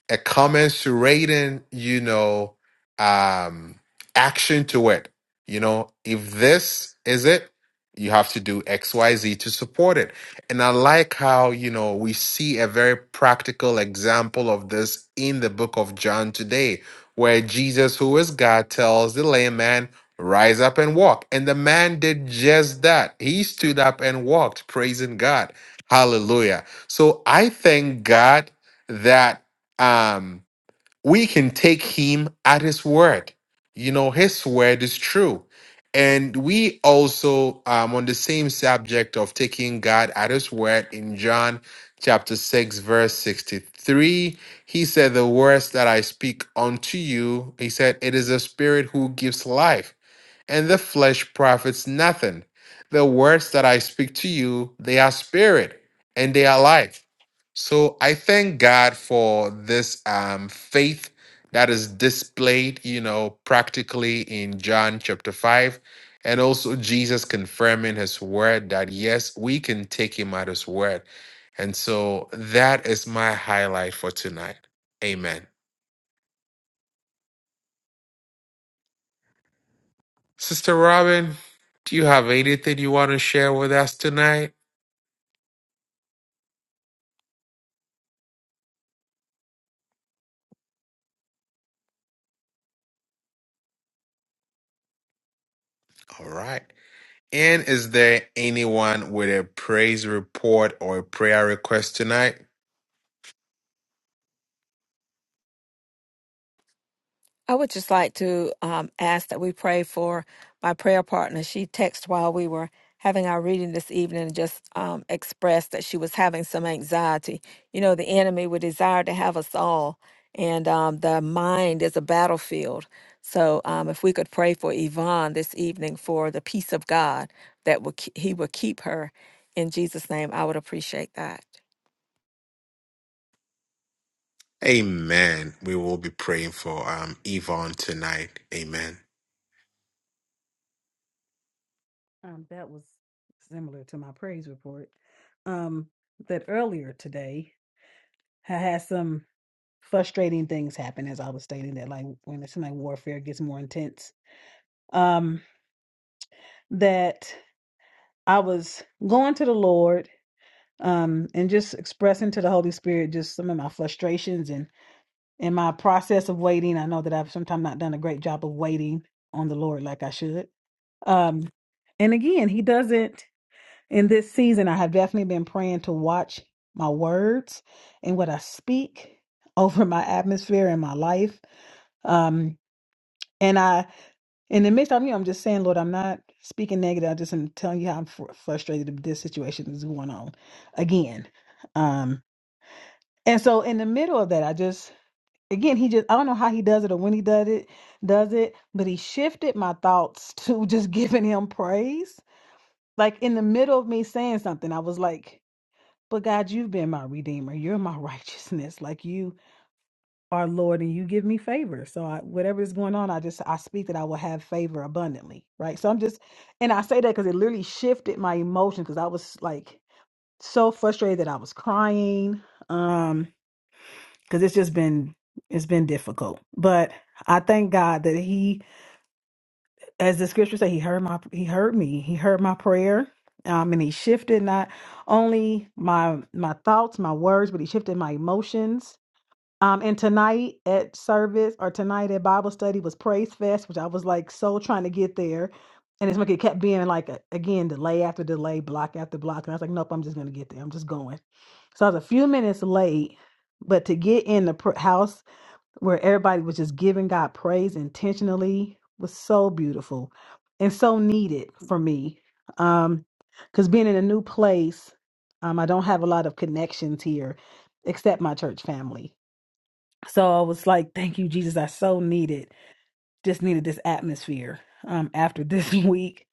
a commensurating, you know, um, action to it. You know, if this is it, you have to do X, Y, Z to support it. And I like how, you know, we see a very practical example of this in the book of John today, where Jesus, who is God, tells the lame man, Rise up and walk. And the man did just that. He stood up and walked, praising God. Hallelujah. So I thank God that um, we can take him at his word. You know, his word is true. And we also, um, on the same subject of taking God at his word in John chapter 6, verse 63, he said, The words that I speak unto you, he said, it is the spirit who gives life and the flesh profits nothing. The words that I speak to you, they are spirit and they are life. So I thank God for this um, faith that is displayed, you know, practically in John chapter 5. And also Jesus confirming his word that yes, we can take him at his word. And so that is my highlight for tonight. Amen. Sister Robin, do you have anything you want to share with us tonight? All right. And is there anyone with a praise report or a prayer request tonight?
I would just like to um, ask that we pray for my prayer partner. She texted while we were having our reading this evening and just um, expressed that she was having some anxiety. You know, the enemy would desire to have us all, and um, the mind is a battlefield. So, um, if we could pray for Yvonne this evening for the peace of God that will ke- He will keep her in Jesus' name, I would appreciate that.
Amen. We will be praying for um, Yvonne tonight. Amen.
Um, that was similar to my praise report. Um, that earlier today, I had some frustrating things happen as I was stating that, like when it's like warfare gets more intense. Um, that I was going to the Lord, um, and just expressing to the Holy Spirit just some of my frustrations and. in my process of waiting, I know that I've sometimes not done a great job of waiting on the Lord like I should. Um, and again, He doesn't. In this season, I have definitely been praying to watch my words and what I speak over my atmosphere and my life. Um, and I, in the midst of you, I'm just saying, Lord, I'm not speaking negative. I just am telling you how I'm fr- frustrated that this situation is going on again. Um, and so, in the middle of that, I just again he just i don't know how he does it or when he does it does it but he shifted my thoughts to just giving him praise like in the middle of me saying something i was like but god you've been my redeemer you're my righteousness like you are lord and you give me favor so I, whatever is going on i just i speak that i will have favor abundantly right so i'm just and i say that because it literally shifted my emotion because i was like so frustrated that i was crying Um, because it's just been it's been difficult. But I thank God that He, as the scripture say, He heard my He heard me. He heard my prayer. Um, and he shifted not only my my thoughts, my words, but he shifted my emotions. Um, and tonight at service or tonight at Bible study was Praise Fest, which I was like so trying to get there. And it's like it kept being like a, again delay after delay, block after block. And I was like, nope, I'm just gonna get there. I'm just going. So I was a few minutes late, but to get in the pr- house where everybody was just giving God praise intentionally was so beautiful and so needed for me. Um, because being in a new place, um, I don't have a lot of connections here except my church family. So I was like, thank you, Jesus. I so need it just needed this atmosphere um, after this week,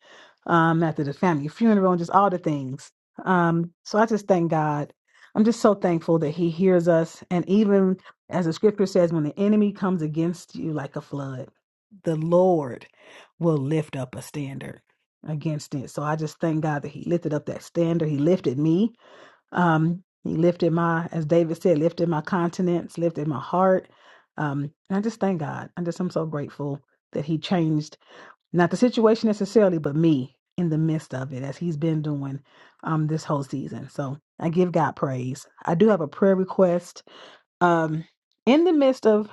um, after the family funeral, and just all the things. Um, so I just thank God. I'm just so thankful that He hears us. And even as the scripture says, when the enemy comes against you like a flood, the Lord will lift up a standard against it. So I just thank God that He lifted up that standard. He lifted me um, he lifted my, as David said, lifted my continents, lifted my heart. Um, and I just thank God. I just am so grateful that he changed not the situation necessarily, but me in the midst of it, as he's been doing um this whole season. So I give God praise. I do have a prayer request. Um, in the midst of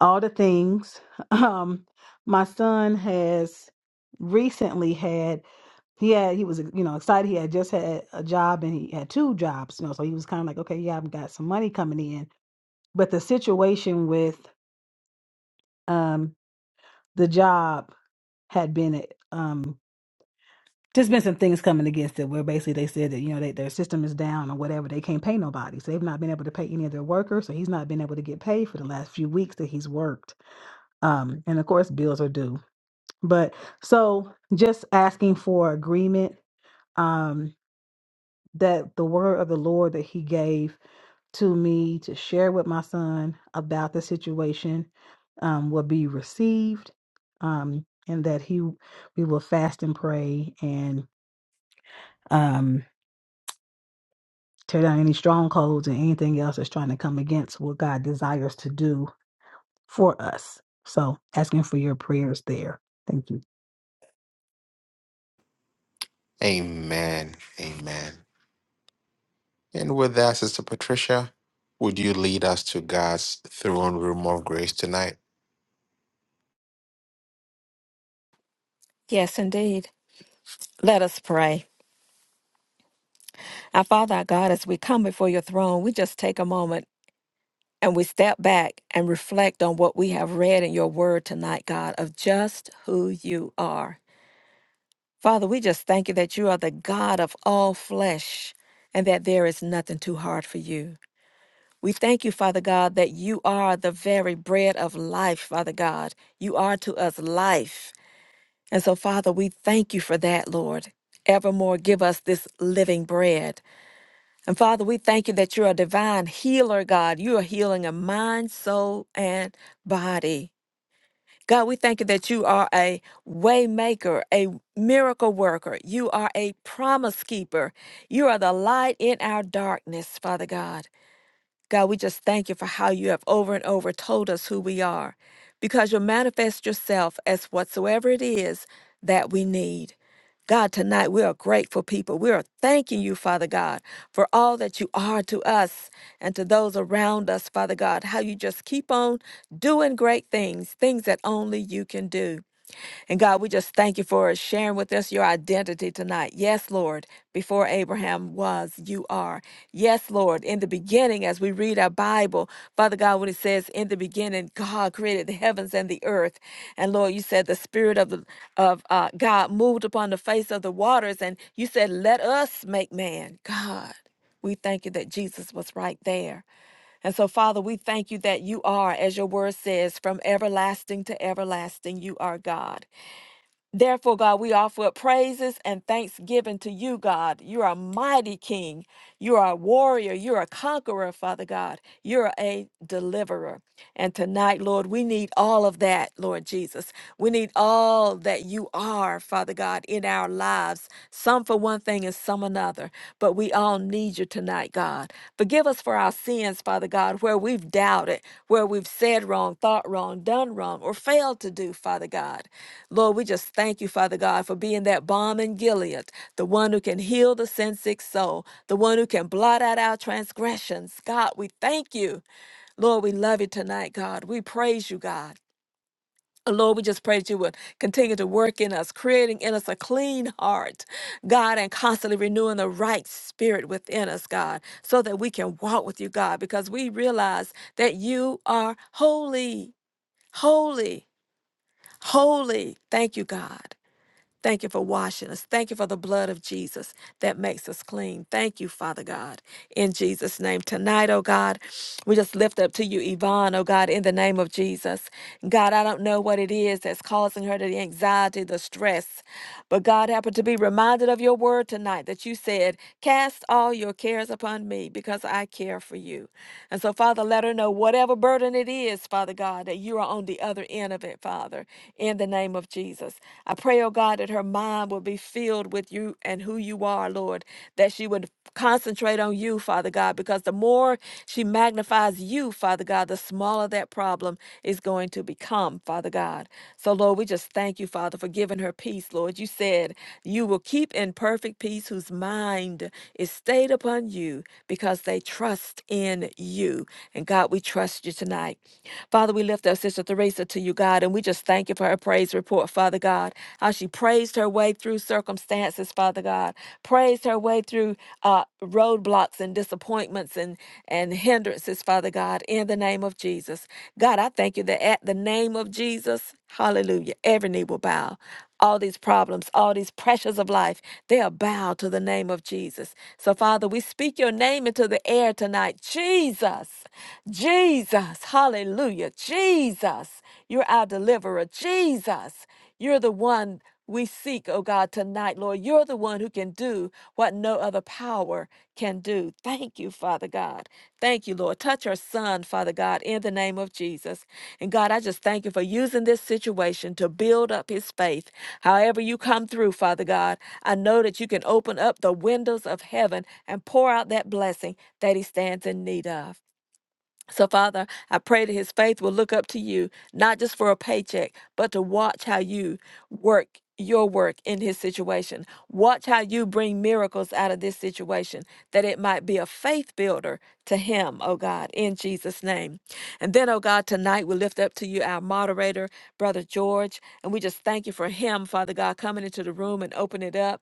all the things. Um, my son has recently had he had he was you know excited. He had just had a job and he had two jobs, you know, so he was kind of like, okay, yeah, I've got some money coming in. But the situation with um the job had been um just been some things coming against it where basically they said that you know they, their system is down or whatever they can't pay nobody so they've not been able to pay any of their workers so he's not been able to get paid for the last few weeks that he's worked um and of course bills are due But so just asking for agreement um that the word of the Lord that he gave to me to share with my son about the situation um will be received um and that he we will fast and pray and um tear down any strongholds and anything else that's trying to come against what God desires to do for us. So asking for your prayers there. Thank you.
Amen. Amen. And with that, Sister Patricia, would you lead us to God's throne room of grace tonight?
Yes, indeed. Let us pray. Our Father, our God, as we come before your throne, we just take a moment and we step back and reflect on what we have read in your word tonight, God, of just who you are. Father, we just thank you that you are the God of all flesh and that there is nothing too hard for you. We thank you, Father God, that you are the very bread of life, Father God. You are to us life. And so, Father, we thank you for that, Lord. Evermore, give us this living bread. And Father, we thank you that you're a divine healer, God. You are healing of mind, soul, and body. God, we thank you that you are a way maker, a miracle worker. You are a promise keeper. You are the light in our darkness, Father God. God, we just thank you for how you have over and over told us who we are, because you'll manifest yourself as whatsoever it is that we need. God, tonight we are grateful people. We are thanking you, Father God, for all that you are to us and to those around us, Father God, how you just keep on doing great things, things that only you can do. And God, we just thank you for sharing with us your identity tonight. Yes, Lord, before Abraham was, you are. Yes, Lord, in the beginning, as we read our Bible, Father God, when it says, in the beginning, God created the heavens and the earth. And Lord, you said the Spirit of, the, of uh, God moved upon the face of the waters. And you said, let us make man. God, we thank you that Jesus was right there. And so, Father, we thank you that you are, as your word says, from everlasting to everlasting, you are God. Therefore, God, we offer up praises and thanksgiving to you, God. You're a mighty king. You are a warrior. You're a conqueror, Father God. You're a deliverer. And tonight, Lord, we need all of that, Lord Jesus. We need all that you are, Father God, in our lives, some for one thing and some another. But we all need you tonight, God. Forgive us for our sins, Father God, where we've doubted, where we've said wrong, thought wrong, done wrong, or failed to do, Father God. Lord, we just thank you, Father God, for being that balm in Gilead, the one who can heal the sin sick soul, the one who can blot out our transgressions. God, we thank you. Lord, we love you tonight, God. We praise you, God. And Lord, we just pray that you would continue to work in us, creating in us a clean heart, God, and constantly renewing the right spirit within us, God, so that we can walk with you, God, because we realize that you are holy, holy, holy. Thank you, God. Thank you for washing us. Thank you for the blood of Jesus that makes us clean. Thank you, Father God, in Jesus' name. Tonight, oh God. We just lift up to you, Yvonne, oh God, in the name of Jesus. God, I don't know what it is that's causing her the anxiety, the stress, but God happened to be reminded of your word tonight that you said, Cast all your cares upon me because I care for you. And so, Father, let her know whatever burden it is, Father God, that you are on the other end of it, Father, in the name of Jesus. I pray, oh God, that her mind will be filled with you and who you are, Lord, that she would concentrate on you, Father God. because because the more she magnifies you, Father God, the smaller that problem is going to become, Father God. So, Lord, we just thank you, Father, for giving her peace, Lord. You said you will keep in perfect peace whose mind is stayed upon you because they trust in you. And God, we trust you tonight. Father, we lift up Sister Teresa to you, God, and we just thank you for her praise report, Father God, how she praised her way through circumstances, Father God, praised her way through. Uh, roadblocks and disappointments and, and hindrances, Father God, in the name of Jesus. God, I thank you that at the name of Jesus, hallelujah, every knee will bow. All these problems, all these pressures of life, they are bowed to the name of Jesus. So, Father, we speak your name into the air tonight. Jesus, Jesus, hallelujah, Jesus, you're our deliverer. Jesus, you're the one we seek, oh God, tonight, Lord. You're the one who can do what no other power can do. Thank you, Father God. Thank you, Lord. Touch her son, Father God, in the name of Jesus. And God, I just thank you for using this situation to build up his faith. However, you come through, Father God, I know that you can open up the windows of heaven and pour out that blessing that he stands in need of. So, Father, I pray that his faith will look up to you, not just for a paycheck, but to watch how you work your work in his situation. Watch how you bring miracles out of this situation, that it might be a faith builder to him, oh God, in Jesus' name. And then, oh God, tonight we lift up to you our moderator, Brother George, and we just thank you for him, Father God, coming into the room and opening it up.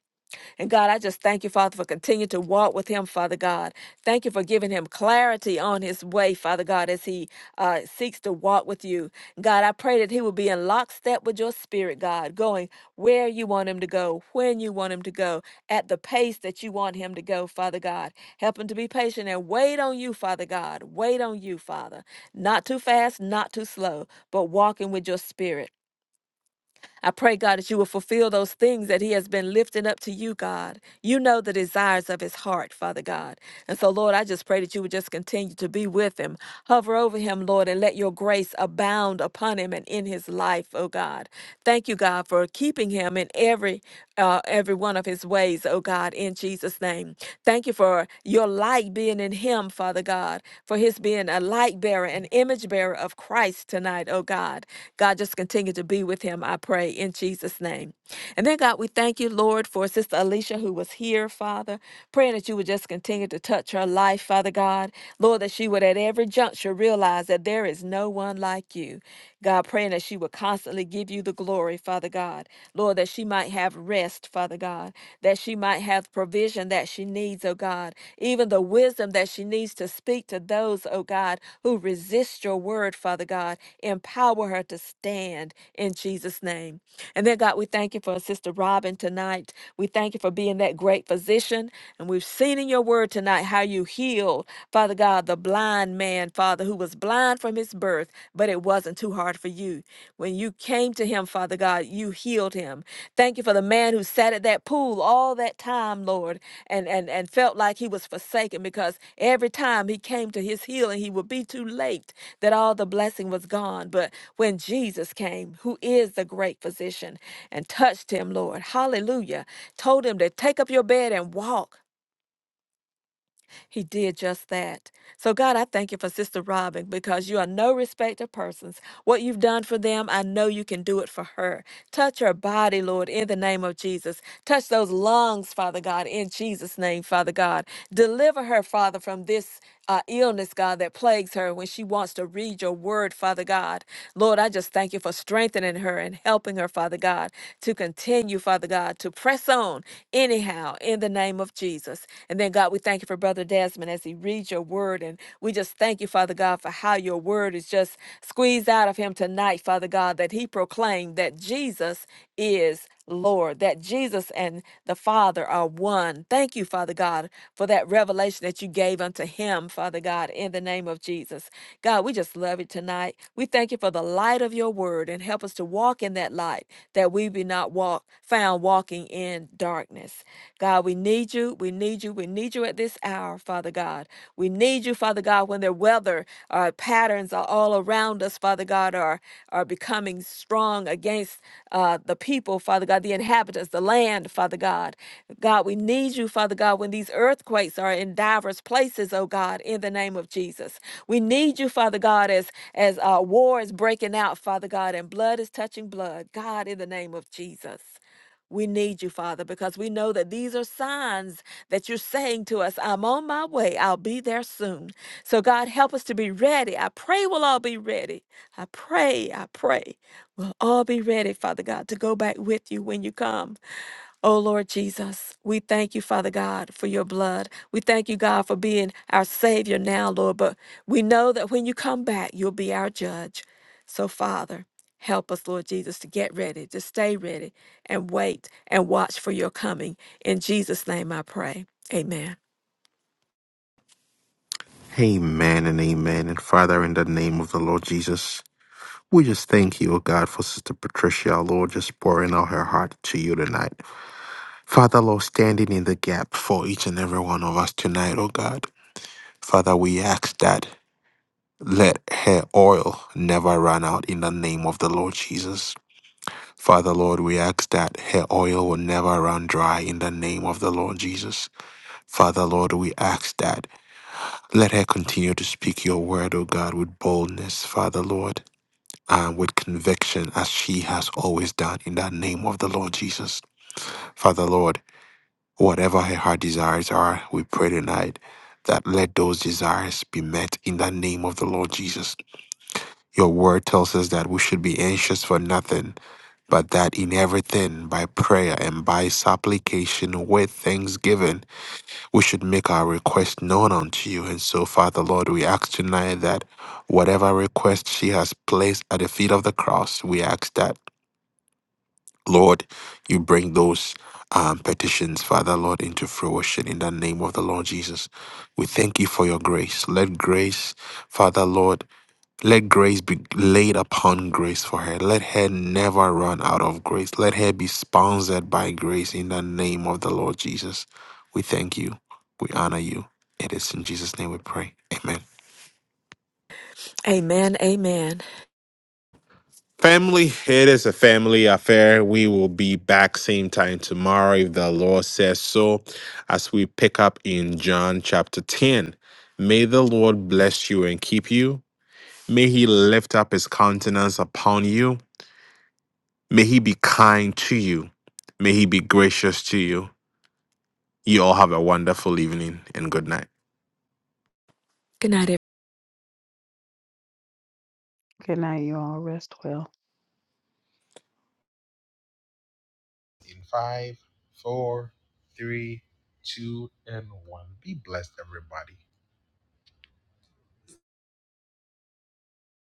And God, I just thank you, Father, for continuing to walk with him, Father God. Thank you for giving him clarity on his way, Father God, as he uh, seeks to walk with you. God, I pray that he will be in lockstep with your spirit, God, going where you want him to go, when you want him to go, at the pace that you want him to go, Father God. Help him to be patient and wait on you, Father God. Wait on you, Father. Not too fast, not too slow, but walking with your spirit. I pray, God, that you will fulfill those things that he has been lifting up to you, God. You know the desires of his heart, Father God. And so, Lord, I just pray that you would just continue to be with him, hover over him, Lord, and let your grace abound upon him and in his life, oh God. Thank you, God, for keeping him in every uh, every one of his ways, oh God, in Jesus' name. Thank you for your light being in him, Father God. God, for his being a light bearer, an image bearer of Christ tonight, oh God. God, just continue to be with him, I pray, in Jesus' name. And then, God, we thank you, Lord, for Sister Alicia who was here, Father, praying that you would just continue to touch her life, Father God. Lord, that she would at every juncture realize that there is no one like you. God, praying that she would constantly give you the glory, Father God. Lord, that she she might have rest, Father God, that she might have provision that she needs, oh God, even the wisdom that she needs to speak to those, oh God, who resist your word, Father God. Empower her to stand in Jesus' name. And then, God, we thank you for Sister Robin tonight. We thank you for being that great physician. And we've seen in your word tonight how you healed, Father God, the blind man, Father, who was blind from his birth, but it wasn't too hard for you. When you came to him, Father God, you healed him. Thank you for the man who sat at that pool all that time, Lord, and, and, and felt like he was forsaken because every time he came to his healing, he would be too late that all the blessing was gone. But when Jesus came, who is the great physician, and touched him, Lord, hallelujah, told him to take up your bed and walk. He did just that. So, God, I thank you for Sister Robin because you are no respecter of persons. What you've done for them, I know you can do it for her. Touch her body, Lord, in the name of Jesus. Touch those lungs, Father God, in Jesus' name, Father God. Deliver her, Father, from this uh, illness, God, that plagues her when she wants to read your word, Father God. Lord, I just thank you for strengthening her and helping her, Father God, to continue, Father God, to press on anyhow in the name of Jesus. And then, God, we thank you for Brother Desmond as he reads your word. And we just thank you, Father God, for how your word is just squeezed out of him tonight, Father God, that he proclaimed that Jesus is. Lord, that Jesus and the Father are one. Thank you, Father God, for that revelation that you gave unto him, Father God, in the name of Jesus. God, we just love it tonight. We thank you for the light of your word and help us to walk in that light that we be not walk found walking in darkness. God, we need you. We need you. We need you at this hour, Father God. We need you, Father God. God, when their weather uh, patterns are all around us, Father God, are, are becoming strong against uh, the people, Father God, the inhabitants, the land, Father God. God, we need you, Father God, when these earthquakes are in diverse places, oh God, in the name of Jesus. We need you, Father God, as, as uh, war is breaking out, Father God, and blood is touching blood, God, in the name of Jesus. We need you, Father, because we know that these are signs that you're saying to us, I'm on my way. I'll be there soon. So, God, help us to be ready. I pray we'll all be ready. I pray, I pray we'll all be ready, Father God, to go back with you when you come. Oh Lord Jesus, we thank you, Father God, for your blood. We thank you, God, for being our Savior now, Lord. But we know that when you come back, you'll be our judge. So, Father, help us, Lord Jesus, to get ready, to stay ready, and wait and watch for your coming. In Jesus' name I pray. Amen.
Amen and amen. And Father, in the name of the Lord Jesus, we just thank you, O God, for Sister Patricia, our Lord, just pouring out her heart to you tonight. Father, Lord, standing in the gap for each and every one of us tonight, oh God. Father, we ask that let her oil never run out in the name of the Lord Jesus. Father, Lord, we ask that her oil will never run dry in the name of the Lord Jesus. Father, Lord, we ask that let her continue to speak your word, O God, with boldness, Father, Lord, and with conviction as she has always done in the name of the Lord Jesus. Father, Lord, Whatever her heart desires are, we pray tonight that let those desires be met in the name of the Lord Jesus. Your word tells us that we should be anxious for nothing, but that in everything, by prayer and by supplication with thanksgiving, we should make our request known unto you. And so, Father Lord, we ask tonight that whatever request she has placed at the feet of the cross, we ask that. Lord, you bring those um, petitions, Father, Lord, into fruition in the name of the Lord Jesus. We thank you for your grace. Let grace, Father, Lord, let grace be laid upon grace for her. Let her never run out of grace. Let her be sponsored by grace in the name of the Lord Jesus. We thank you. We honor you. It is in Jesus' name we pray. Amen.
Amen. Amen.
Family, it is a family affair. We will be back same time tomorrow if the Lord says so, as we pick up in John chapter 10. May the Lord bless you and keep you. May he lift up his countenance upon you. May he be kind to you. May he be gracious to you. You all have a wonderful evening and good night.
Good night,
Good night, you all. Rest well.
in five, four, three, two, and one. Be blessed, everybody.